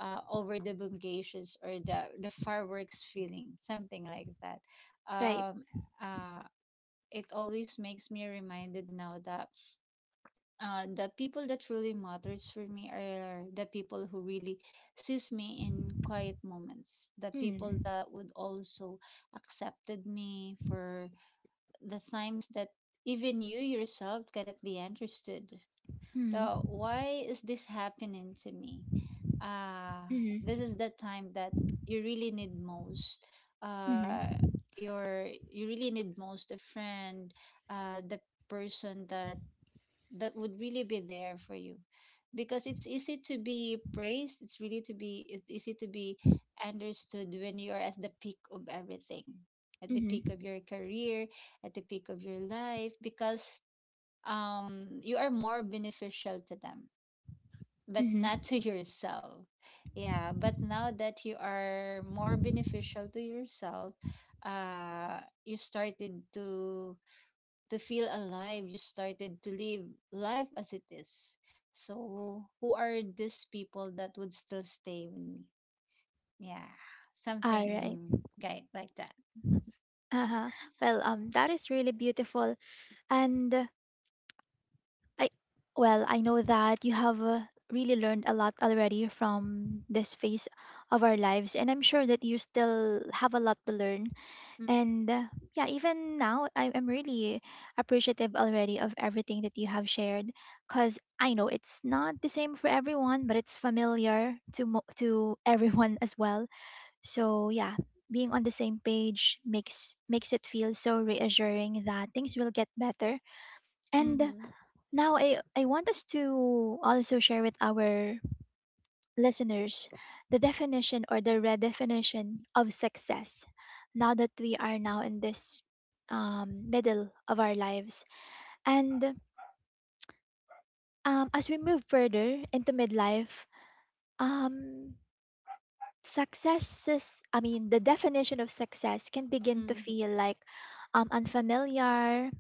[SPEAKER 2] over the bungations or the fireworks feeling, something like that.
[SPEAKER 1] right.
[SPEAKER 2] Um, uh, it always makes me reminded now that the people that really matters for me are the people who really sees me in quiet moments, the people
[SPEAKER 1] Mm,
[SPEAKER 2] that would also accepted me for the times that even you yourself cannot be understood, so
[SPEAKER 1] mm,
[SPEAKER 2] why is this happening to me? Uh, this
[SPEAKER 1] mm,
[SPEAKER 2] is the time that you really need most. Uh,
[SPEAKER 1] mm,
[SPEAKER 2] your you really need most a friend, the person that would really be there for you, because it's easy to be praised. It's easy to be understood when you are at the peak of everything, at the peak
[SPEAKER 1] mm,
[SPEAKER 2] of your career, at the peak of your life, because you are more beneficial to them but not
[SPEAKER 1] mm.
[SPEAKER 2] to yourself. Yeah, but now that you are more beneficial to yourself, you started to feel alive. You started to live life as it is. So who are these people that would still stay with me? Yeah,
[SPEAKER 1] All right.
[SPEAKER 2] something guy like that.
[SPEAKER 1] Uh-huh. Well, that is really beautiful. And I, well, I know that you have, really learned a lot already from this phase of our lives, and I'm sure that you still have a lot to learn. And yeah, even now, I am really appreciative already of everything that you have shared, because I know it's not the same for everyone, but it's familiar to to everyone as well. So yeah. Being on the same page makes it feel so reassuring that things will get better. And
[SPEAKER 2] Mm-hmm.
[SPEAKER 1] now, I want us to also share with our listeners the definition or the redefinition of success now that we are now in this middle of our lives. And as we move further into midlife, um, success is, I mean, the definition of success can begin to
[SPEAKER 2] Mm-hmm.
[SPEAKER 1] feel like unfamiliar,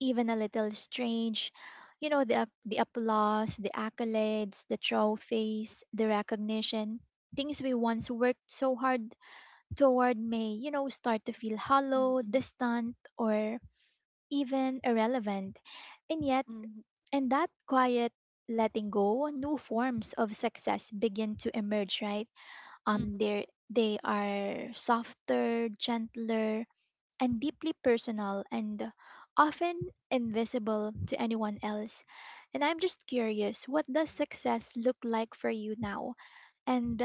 [SPEAKER 1] even a little strange. You know, the applause, the accolades, the trophies, the recognition, things we once worked so hard toward may, you know, start to feel hollow,
[SPEAKER 2] Mm-hmm.
[SPEAKER 1] distant, or even irrelevant. And yet,
[SPEAKER 2] Mm-hmm.
[SPEAKER 1] in that quiet letting go, new forms of success begin to emerge, right? Um,
[SPEAKER 2] Mm-hmm.
[SPEAKER 1] they're, they are softer, gentler, and deeply personal and often invisible to anyone else. And I'm just curious, what does success look like for you now? And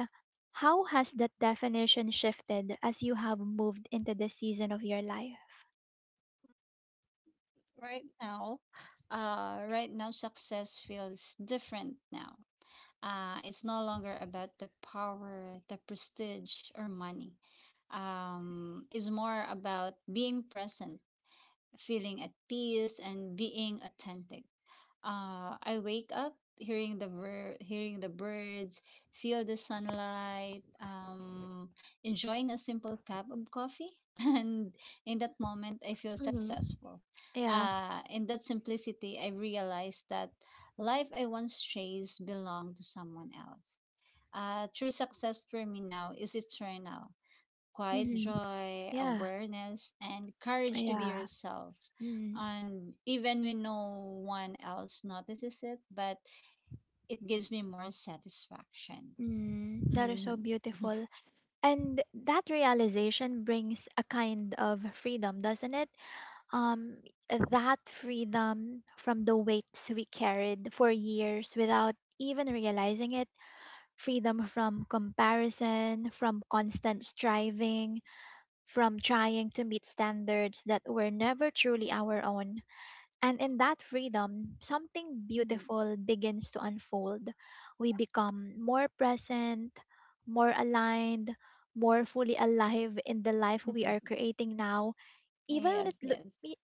[SPEAKER 1] how has that definition shifted as you have moved into this season of your life?
[SPEAKER 2] Right now, right now success feels different now. It's no longer about the power, the prestige, or money. It's more about being present, feeling at peace and being authentic. I wake up hearing the birds, feel the sunlight, enjoying a simple cup of coffee, and in that moment, I feel
[SPEAKER 1] Mm-hmm.
[SPEAKER 2] successful.
[SPEAKER 1] Yeah.
[SPEAKER 2] In that simplicity, I realized that life I once chased belonged to someone else. True success for me now is eternal quiet
[SPEAKER 1] Mm-hmm.
[SPEAKER 2] joy,
[SPEAKER 1] Yeah.
[SPEAKER 2] awareness, and courage to be
[SPEAKER 1] Yeah.
[SPEAKER 2] yourself.
[SPEAKER 1] Mm,
[SPEAKER 2] And even when no one else notices it, but it gives me more satisfaction.
[SPEAKER 1] that is so
[SPEAKER 2] Hmm.
[SPEAKER 1] beautiful. And that realization brings a kind of freedom, doesn't it? um, that freedom from the weights we carried for years without even realizing it, freedom from comparison, from constant striving, from trying to meet standards that were never truly our own. And in that freedom, something beautiful begins to unfold. We become more present, more aligned, more fully alive in the life we are creating now, even when
[SPEAKER 2] Yes,
[SPEAKER 1] it
[SPEAKER 2] yes.
[SPEAKER 1] looks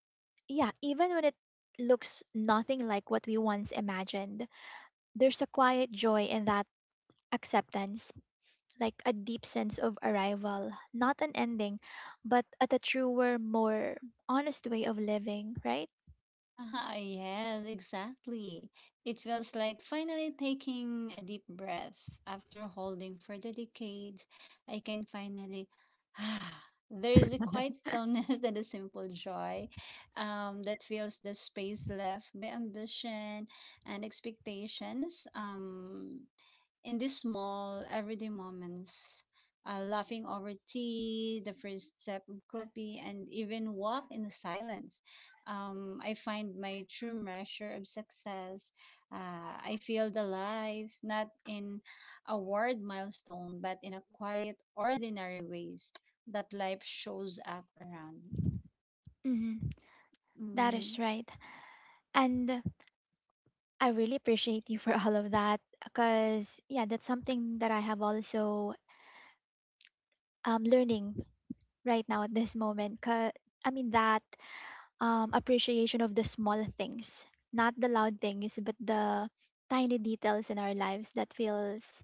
[SPEAKER 1] yeah, even when it looks nothing like what we once imagined, there's a quiet joy in that acceptance, like a deep sense of arrival, not an ending, but at a truer, more honest way of living, right?
[SPEAKER 2] Ah, yes, exactly. It feels like finally taking a deep breath after holding for the decades. I can finally, ah, there is a quiet stillness and a simple joy, that fills the space left by ambition and expectations. In these small everyday moments, laughing over tea, the first sip of coffee, and even walk in the silence. I find my true measure of success. I feel the life, not in a word milestone, but in a quiet, ordinary ways that life shows up around me.
[SPEAKER 1] Mhm. That
[SPEAKER 2] Mm-hmm.
[SPEAKER 1] is right. And I really appreciate you for all of that because, yeah, that's something that I have also learning right now at this moment. 'Cause I mean, that appreciation of the small things, not the loud things, but the tiny details in our lives that feels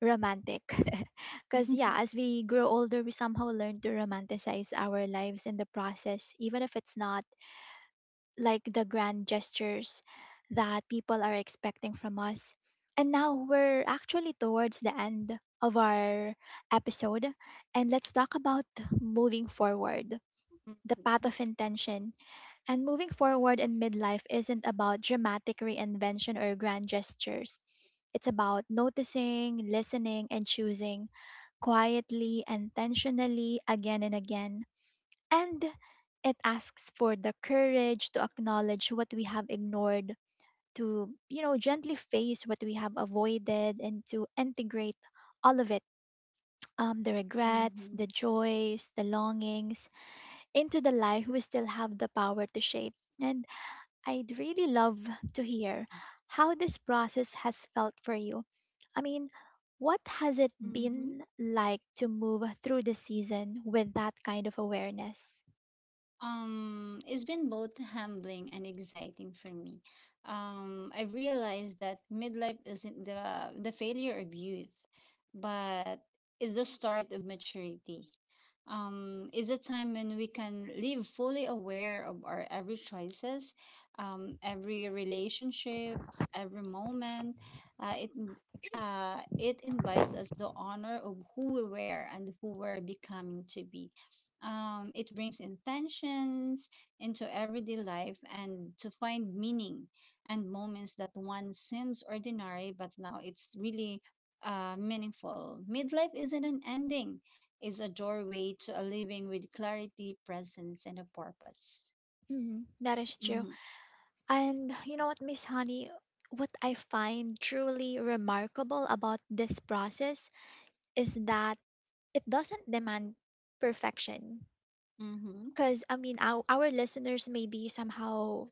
[SPEAKER 1] romantic. Because, yeah, as we grow older, we somehow learn to romanticize our lives in the process, even if it's not like the grand gestures that people are expecting from us. And now we're actually towards the end of our episode, and let's talk about moving forward the path of intention, and moving forward in midlife isn't about dramatic reinvention or grand gestures. It's about noticing, listening, and choosing quietly, intentionally, again and again. And it asks for the courage to acknowledge what we have ignored, to, you know, gently face what we have avoided, and to integrate all of it, the
[SPEAKER 2] Mm-hmm.
[SPEAKER 1] regrets,
[SPEAKER 2] Mm-hmm.
[SPEAKER 1] the joys, the longings into the life we still have the power to shape. And I'd really love to hear how this process has felt for you. I mean, what has it
[SPEAKER 2] Mm-hmm.
[SPEAKER 1] been like to move through the season with that kind of awareness?
[SPEAKER 2] It's been both humbling and exciting for me. I've realized that midlife isn't the failure of youth, but it's the start of maturity. It's a time when we can live fully aware of our every choices, every relationships, every moment. Uh, it it invites us the honor of who we were and who we're becoming to be, it brings intentions into everyday life and to find meaning and moments that one seems ordinary, but now it's really meaningful. Midlife isn't an ending, it's a doorway to a living with clarity, presence, and a purpose.
[SPEAKER 1] Mhm, that is true.
[SPEAKER 2] Mm-hmm.
[SPEAKER 1] And you know what, Miss Honey, what I find truly remarkable about this process is that it doesn't demand perfection.
[SPEAKER 2] Mm-hmm.
[SPEAKER 1] Because, I mean, our listeners may be somehow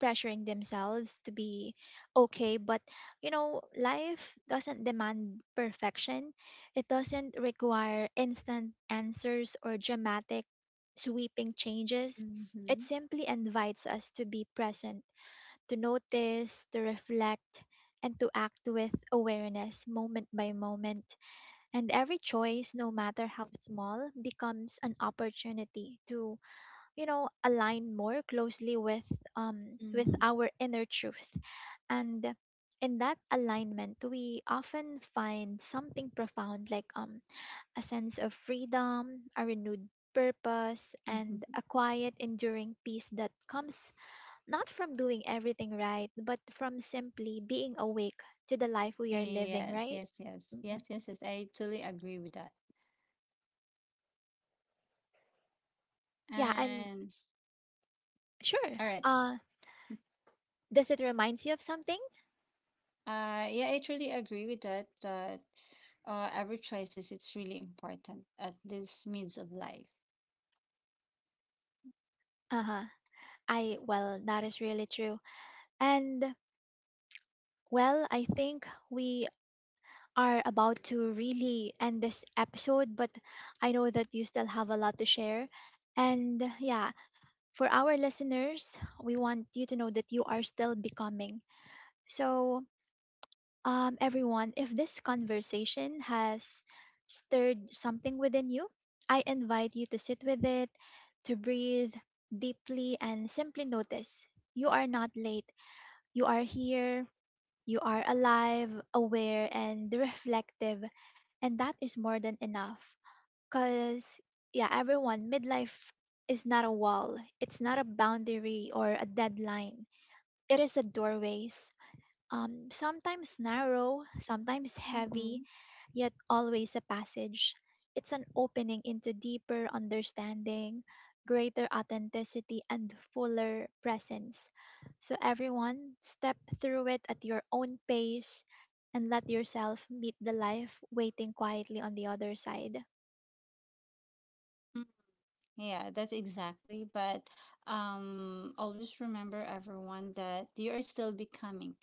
[SPEAKER 1] pressuring themselves to be okay. But, you know, life doesn't demand perfection, it doesn't require instant answers or dramatic, sweeping changes. It
[SPEAKER 2] Mm-hmm.
[SPEAKER 1] simply invites us to be present, to notice, to reflect, and to act with awareness moment by moment. And every choice, no matter how small, becomes an opportunity to, you know, align more closely with
[SPEAKER 2] Mm-hmm.
[SPEAKER 1] our inner truth, and in that alignment we often find something profound, like a sense of freedom, a renewed purpose, and
[SPEAKER 2] Mm-hmm.
[SPEAKER 1] a quiet enduring peace that comes not from doing everything right, but from simply being awake to the life we are living,
[SPEAKER 2] Yes,
[SPEAKER 1] right?
[SPEAKER 2] yes, yes.
[SPEAKER 1] Mhm.
[SPEAKER 2] Yes, yes, yes. I totally agree with that.
[SPEAKER 1] Yeah, and
[SPEAKER 2] And
[SPEAKER 1] sure.
[SPEAKER 2] all right.
[SPEAKER 1] uh does it remind you of something?
[SPEAKER 2] Yeah, I truly agree with that. That every choices it's really important at this means of life.
[SPEAKER 1] Uh-huh. I, well, that is really true. And well, I think we are about to really end this episode, but I know that you still have a lot to share. And yeah, for our listeners, we want you to know that you are still becoming. So, everyone, if this conversation has stirred something within you, I invite you to sit with it, to breathe deeply, and simply notice you are not late. You are here. You are alive, aware, and reflective, and that is more than enough. Because, yeah, everyone, midlife is not a wall, it's not a boundary or a deadline. It is a doorway, sometimes narrow, sometimes
[SPEAKER 2] Mm-hmm.
[SPEAKER 1] heavy, yet always a passage. It's an opening into deeper understanding, greater authenticity, and fuller presence. So, everyone, step through it at your own pace and let yourself meet the life waiting quietly on the other side.
[SPEAKER 2] Yeah, that's exactly. But always remember, everyone, that you are still becoming,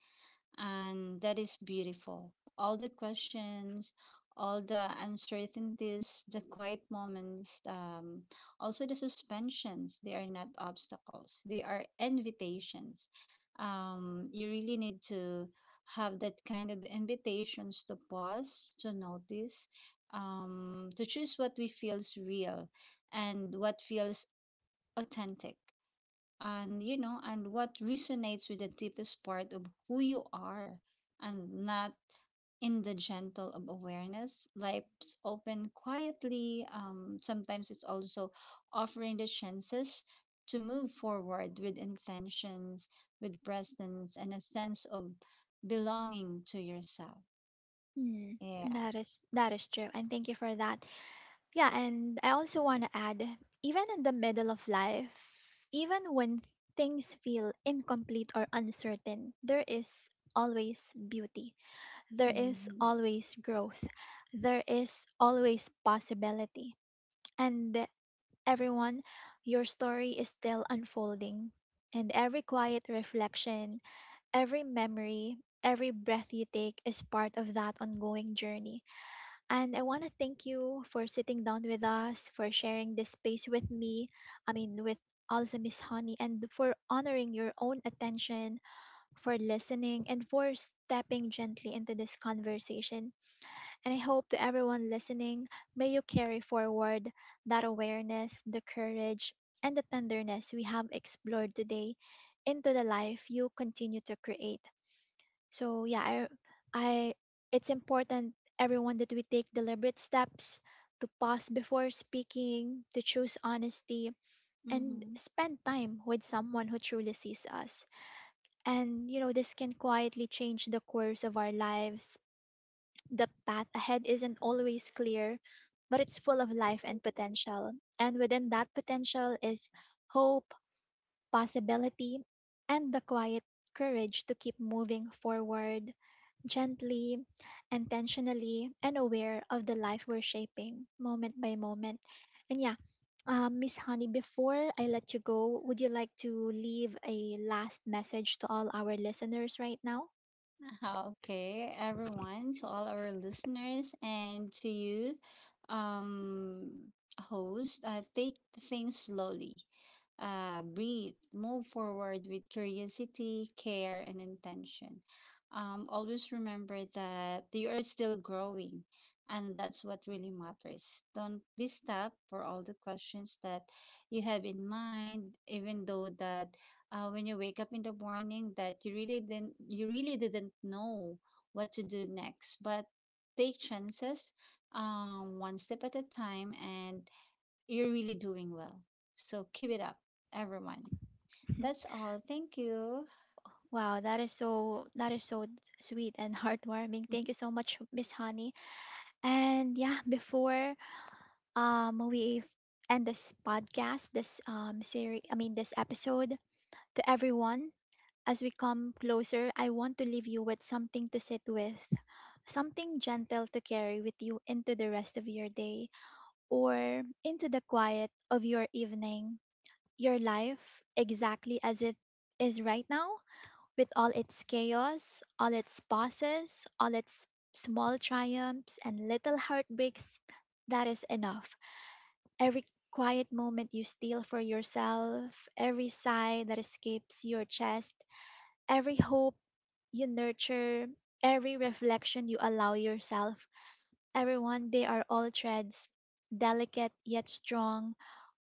[SPEAKER 2] and that is beautiful. All the questions, all the uncertainties, the quiet moments, also the suspensions, they are not obstacles, they are invitations. You really need to have that kind of invitations to pause, to notice, to choose what we feels real and what feels authentic, and you know, and what resonates with the deepest part of who you are, and not in the gentle of awareness life's open quietly, sometimes it's also offering the chances to move forward with intentions, with presence and a sense of belonging to yourself.
[SPEAKER 1] Hmm,
[SPEAKER 2] Yeah.
[SPEAKER 1] that is true, and thank you for that. Yeah, and I also want to add, even in the middle of life, even when things feel incomplete or uncertain, there is always beauty, there is
[SPEAKER 2] Mm-hmm.
[SPEAKER 1] always growth, there is always possibility. And everyone, your story is still unfolding. And every quiet reflection, every memory, every breath you take is part of that ongoing journey. And I want to thank you for sitting down with us, for sharing this space with me, I mean, with also Miss Honey, and for honoring your own attention, for listening, and for stepping gently into this conversation. And I hope to everyone listening, may you carry forward that awareness, the courage, and the tenderness we have explored today into the life you continue to create. So yeah, I, it's important everyone that we take deliberate steps to pause before speaking, to choose honesty, and
[SPEAKER 2] Mm-hmm.
[SPEAKER 1] spend time with someone who truly sees us. And you know, this can quietly change the course of our lives. The path ahead isn't always clear, but it's full of life and potential. And within that potential is hope, possibility, and the quiet courage to keep moving forward gently, intentionally, and aware of the life we're shaping moment by moment. And yeah, Miss Honey, before I let you go, would you like to leave a last message to all our listeners right now?
[SPEAKER 2] Okay, everyone, to all our listeners and to you, um, host, take things slowly, breathe, move forward with curiosity, care, and intention. Always remember that you are still growing, and that's what really matters. Don't be stopped for all the questions that you have in mind, even though that when you wake up in the morning that you really didn't know what to do next. But take chances, one step at a time, and you're really doing well. So keep it up, everyone. That's all. Thank you.
[SPEAKER 1] Wow, that is so sweet and heartwarming. Thank you so much, Miss Honey. And yeah, before we end this podcast, this series, I mean this episode, to everyone, as we come closer, I want to leave you with something to sit with, something gentle to carry with you into the rest of your day or into the quiet of your evening. Your life, exactly as it is right now, with all its chaos, all its pauses, all its small triumphs and little heartbreaks, that is enough. Every quiet moment you steal for yourself, every sigh that escapes your chest, every hope you nurture, every reflection you allow yourself, everyone, they are all threads, delicate yet strong,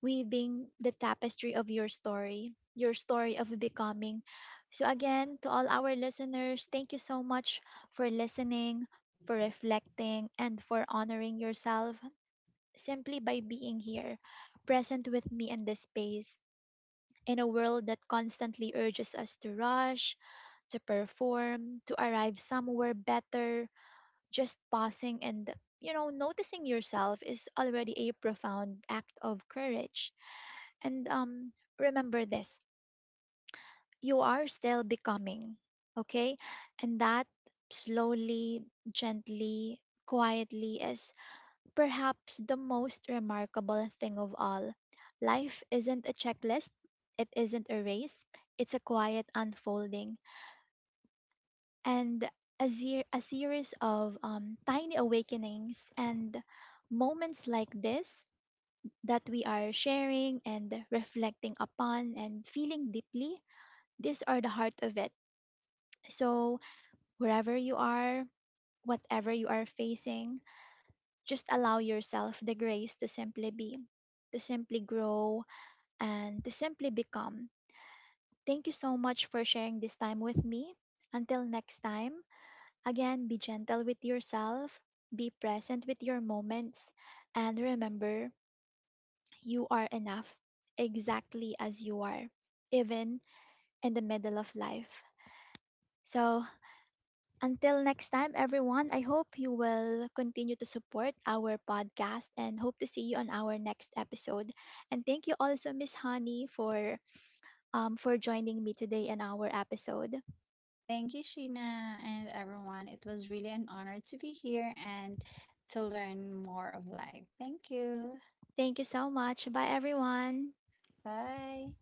[SPEAKER 1] weaving the tapestry of your story of becoming. So, again, to all our listeners, thank you so much for listening, for reflecting, and for honoring yourself simply by being here, present with me in this space. In a world that constantly urges us to rush, to perform, to arrive somewhere better. Just pausing and, you know, noticing yourself is already a profound act of courage. And remember this, you are still becoming, okay? And that slowly, gently, quietly is perhaps the most remarkable thing of all. Life isn't a checklist, it isn't a race, it's a quiet unfolding and a series of tiny awakenings and moments like this that we are sharing and reflecting upon and feeling deeply. These are the heart of it. So, wherever you are, whatever you are facing, just allow yourself the grace to simply be, to simply grow, and to simply become. Thank you so much for sharing this time with me. Until next time, again, be gentle with yourself, be present with your moments, and remember you are enough exactly as you are, even in the middle of life. So, until next time, everyone, I hope you will continue to support our podcast and hope to see you on our next episode. And thank you also, Miss Honey, for joining me today in our episode.
[SPEAKER 2] Thank you, Sheena, and everyone. It was really an honor to be here and to learn more of life. Thank you.
[SPEAKER 1] Thank you so much. Bye, everyone.
[SPEAKER 2] Bye.